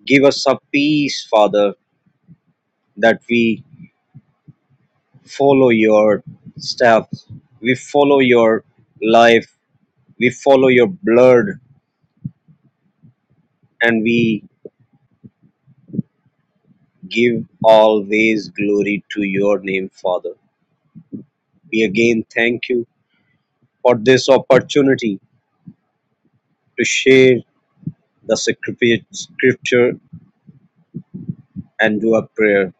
Speaker 6: give us a peace, Father, that we follow your steps we follow your life we follow your blood and we give always glory to your name father we again thank you for this opportunity to share the sacred scripture and do a prayer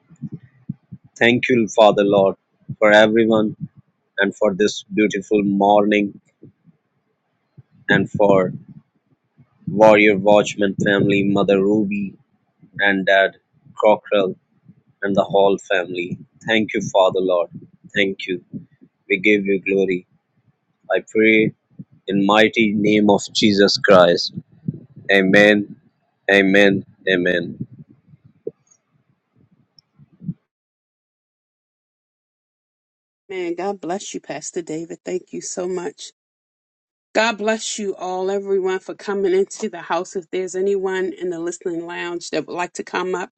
Speaker 6: thank you father lord for everyone and for this beautiful morning and for warrior watchman family mother ruby and dad Cockrell and the whole family. Thank you, Father Lord. Thank you. We give you glory. I pray in mighty name of Jesus Christ. Amen. Amen. Amen.
Speaker 2: Man, God bless you, Pastor David. Thank you so much. God bless you all, everyone, for coming into the house. If there's anyone in the listening lounge that would like to come up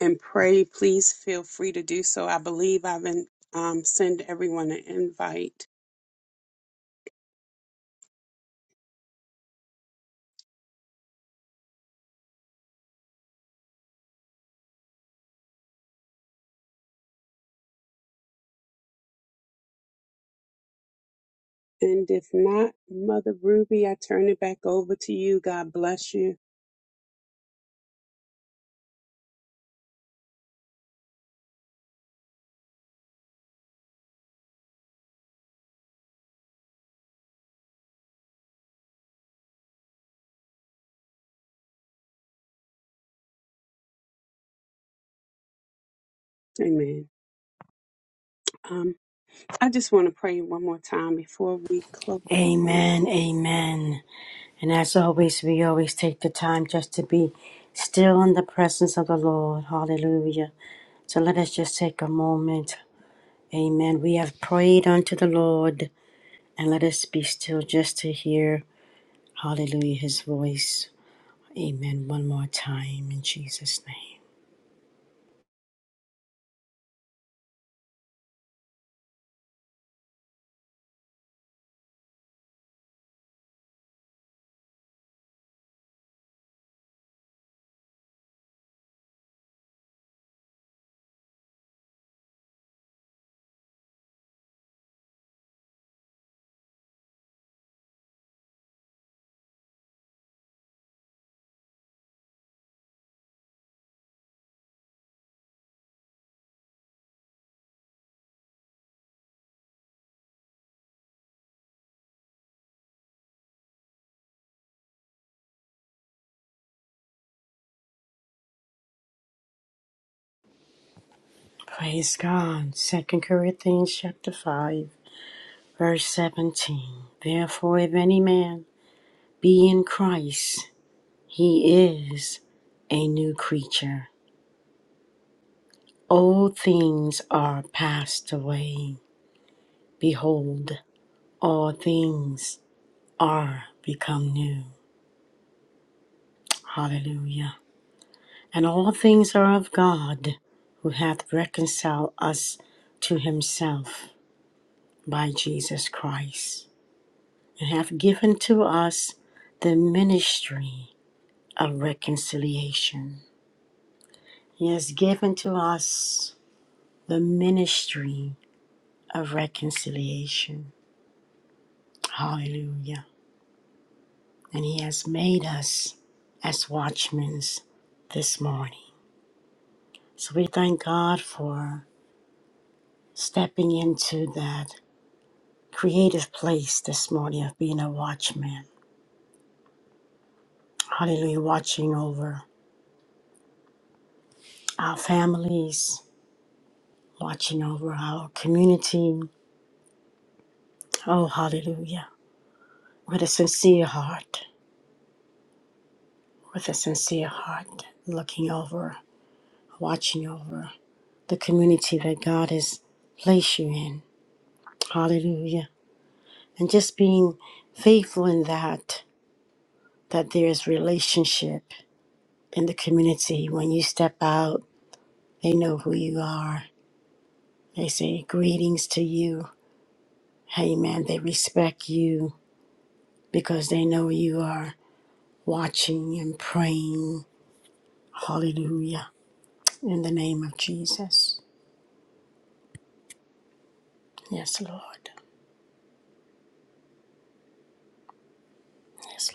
Speaker 2: and pray, please feel free to do so. I believe I've been um, send everyone an invite. And if not, Mother Ruby, I turn it back over to you. God bless you. Amen. Um, I just want to pray one more time before we close the house
Speaker 1: Amen, amen. And as always, we always take the time just to be still in the presence of the Lord. Hallelujah. So let us just take a moment. Amen. We have prayed unto the Lord, and let us be still just to hear, hallelujah, his voice. Amen. One more time in Jesus' name. Praise God. Second Corinthians chapter 5, verse 17. Therefore, if any man be in Christ, He is a new creature. Old things are passed away. Behold, all things are become new. Hallelujah. And all things are of God, who hath reconciled us to himself by Jesus Christ, and hath given to us the ministry of reconciliation. He has given to us the ministry of reconciliation. Hallelujah. And He has made us as watchmen this morning. So we thank God for stepping into that creative place this morning of being a watchman. Hallelujah. Watching over our families, watching over our community. Oh, hallelujah. With a sincere heart, with a sincere heart, looking over. watching over the community that God has placed you in. Hallelujah. And just being faithful in that, that there is relationship in the community. When you step out, they know who you are. They say greetings to you. Amen. They respect you because they know you are watching and praying. Hallelujah. In the name of Jesus. Yes, Lord. Yes, Lord.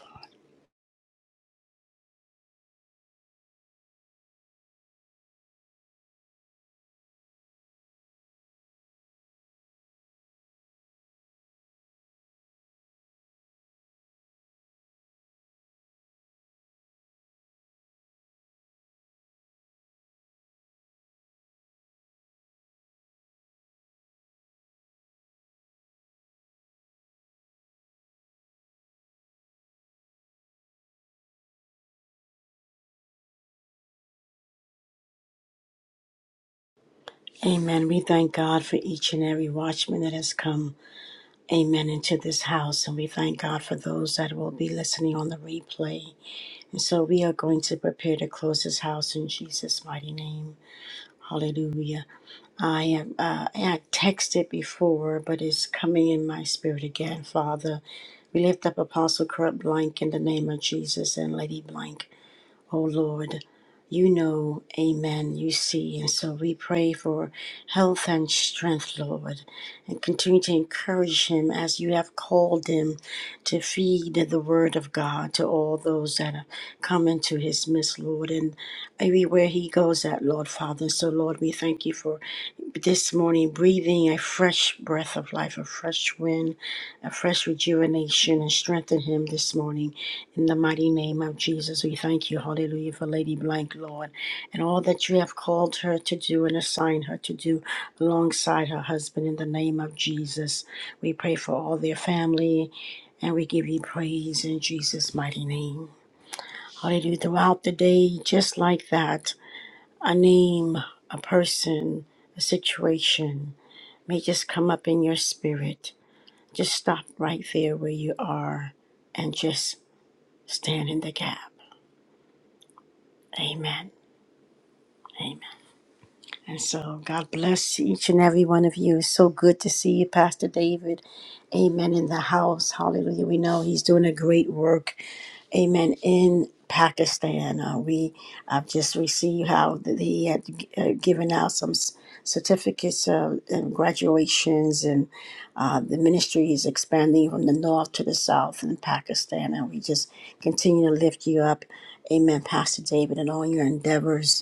Speaker 1: Amen. We thank God for each and every watchman that has come, amen, into this house. And we thank God for those that will be listening on the replay. And so we are going to prepare to close this house in Jesus' mighty name. Hallelujah. I am, uh, I texted before, but it's coming in my spirit again, Father. We lift up Apostle Kurt Blank in the name of Jesus and Lady Blank. Oh Lord, you know, amen, you see. And so we pray for health and strength, Lord, and continue to encourage him as you have called him to feed the word of God to all those that have come into his midst, Lord, and everywhere he goes at, Lord Father. So, Lord, we thank you for this morning breathing a fresh breath of life, a fresh wind, a fresh rejuvenation, and strengthen him this morning. In the mighty name of Jesus, we thank you, hallelujah, for Lady Blank, Lord, and all that you have called her to do and assigned her to do alongside her husband. In the name of Jesus, we pray for all their family and we give you praise in Jesus' mighty name. Hallelujah. Throughout the day, just like that, a name, a person, a situation may just come up in your spirit. Just stop right there where you are and just stand in the gap Amen. Amen. And so God bless each and every one of you. It's so good to see you, Pastor David. Amen. In the house. Hallelujah. We know he's doing a great work. Amen. In Pakistan, uh, we I've just received how that he had uh, given out some s- certificates uh, and graduations, and uh, the ministry is expanding from the north to the south in Pakistan. And we just continue to lift you up, Amen, Pastor David, and all your endeavors.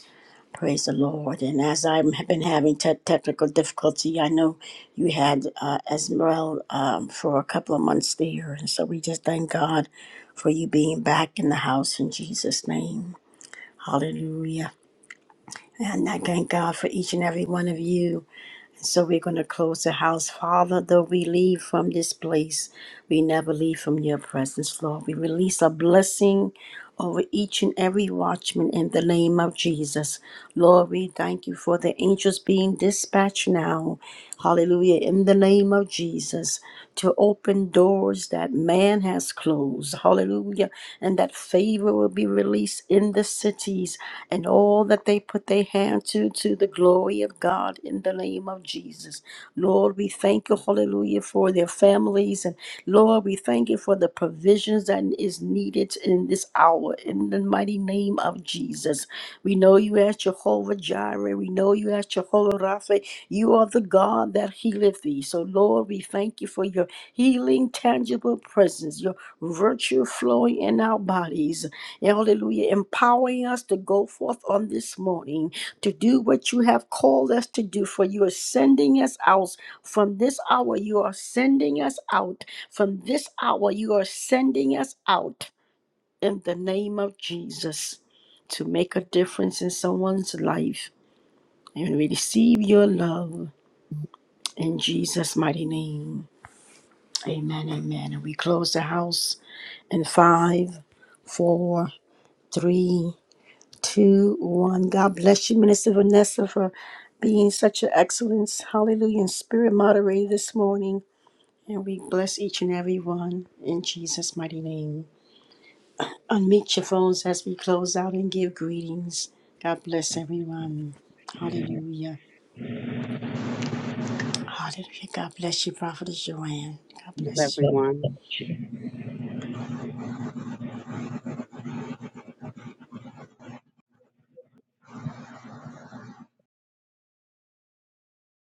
Speaker 1: Praise the Lord. And as I've been having te- technical difficulty, I know you had uh, as well um, for a couple of months there. And so we just thank God for you being back in the house in Jesus' name. Hallelujah. And I thank God for each and every one of you. So we're going to close the house. Father, though we leave from this place, we never leave from your presence, Lord. We release a blessing over each and every watchman in the name of Jesus. Lord, we thank you for the angels being dispatched now Hallelujah. In the name of Jesus, to open doors that man has closed. Hallelujah. And that favor will be released in the cities and all that they put their hand to, to the glory of God in the name of Jesus. Lord, we thank you, hallelujah, for their families. And Lord, we thank you for the provisions that is needed in this hour in the mighty name of Jesus. We know you as Jehovah Jireh. We know you as Jehovah Rapha. You are the God that healeth thee. So, Lord, we thank you for your healing, tangible presence, your virtue flowing in our bodies. Hallelujah. Empowering us to go forth on this morning to do what you have called us to do, for you are sending us out from this hour. You are sending us out from this hour. You are sending us out in the name of Jesus to make a difference in someone's life. And we receive your love. In Jesus' mighty name. Amen. Amen. And we close the house in five, four, three, two, one. God bless you, Minister Vanessa, for being such an excellence. hallelujah, and spirit moderator this morning. And we bless each and every one in Jesus' mighty name. Unmute your phones as we close out and give greetings. God bless everyone. Hallelujah. Hallelujah. God bless you, Prophetess Joanne. God
Speaker 2: with
Speaker 1: bless you.
Speaker 2: everyone.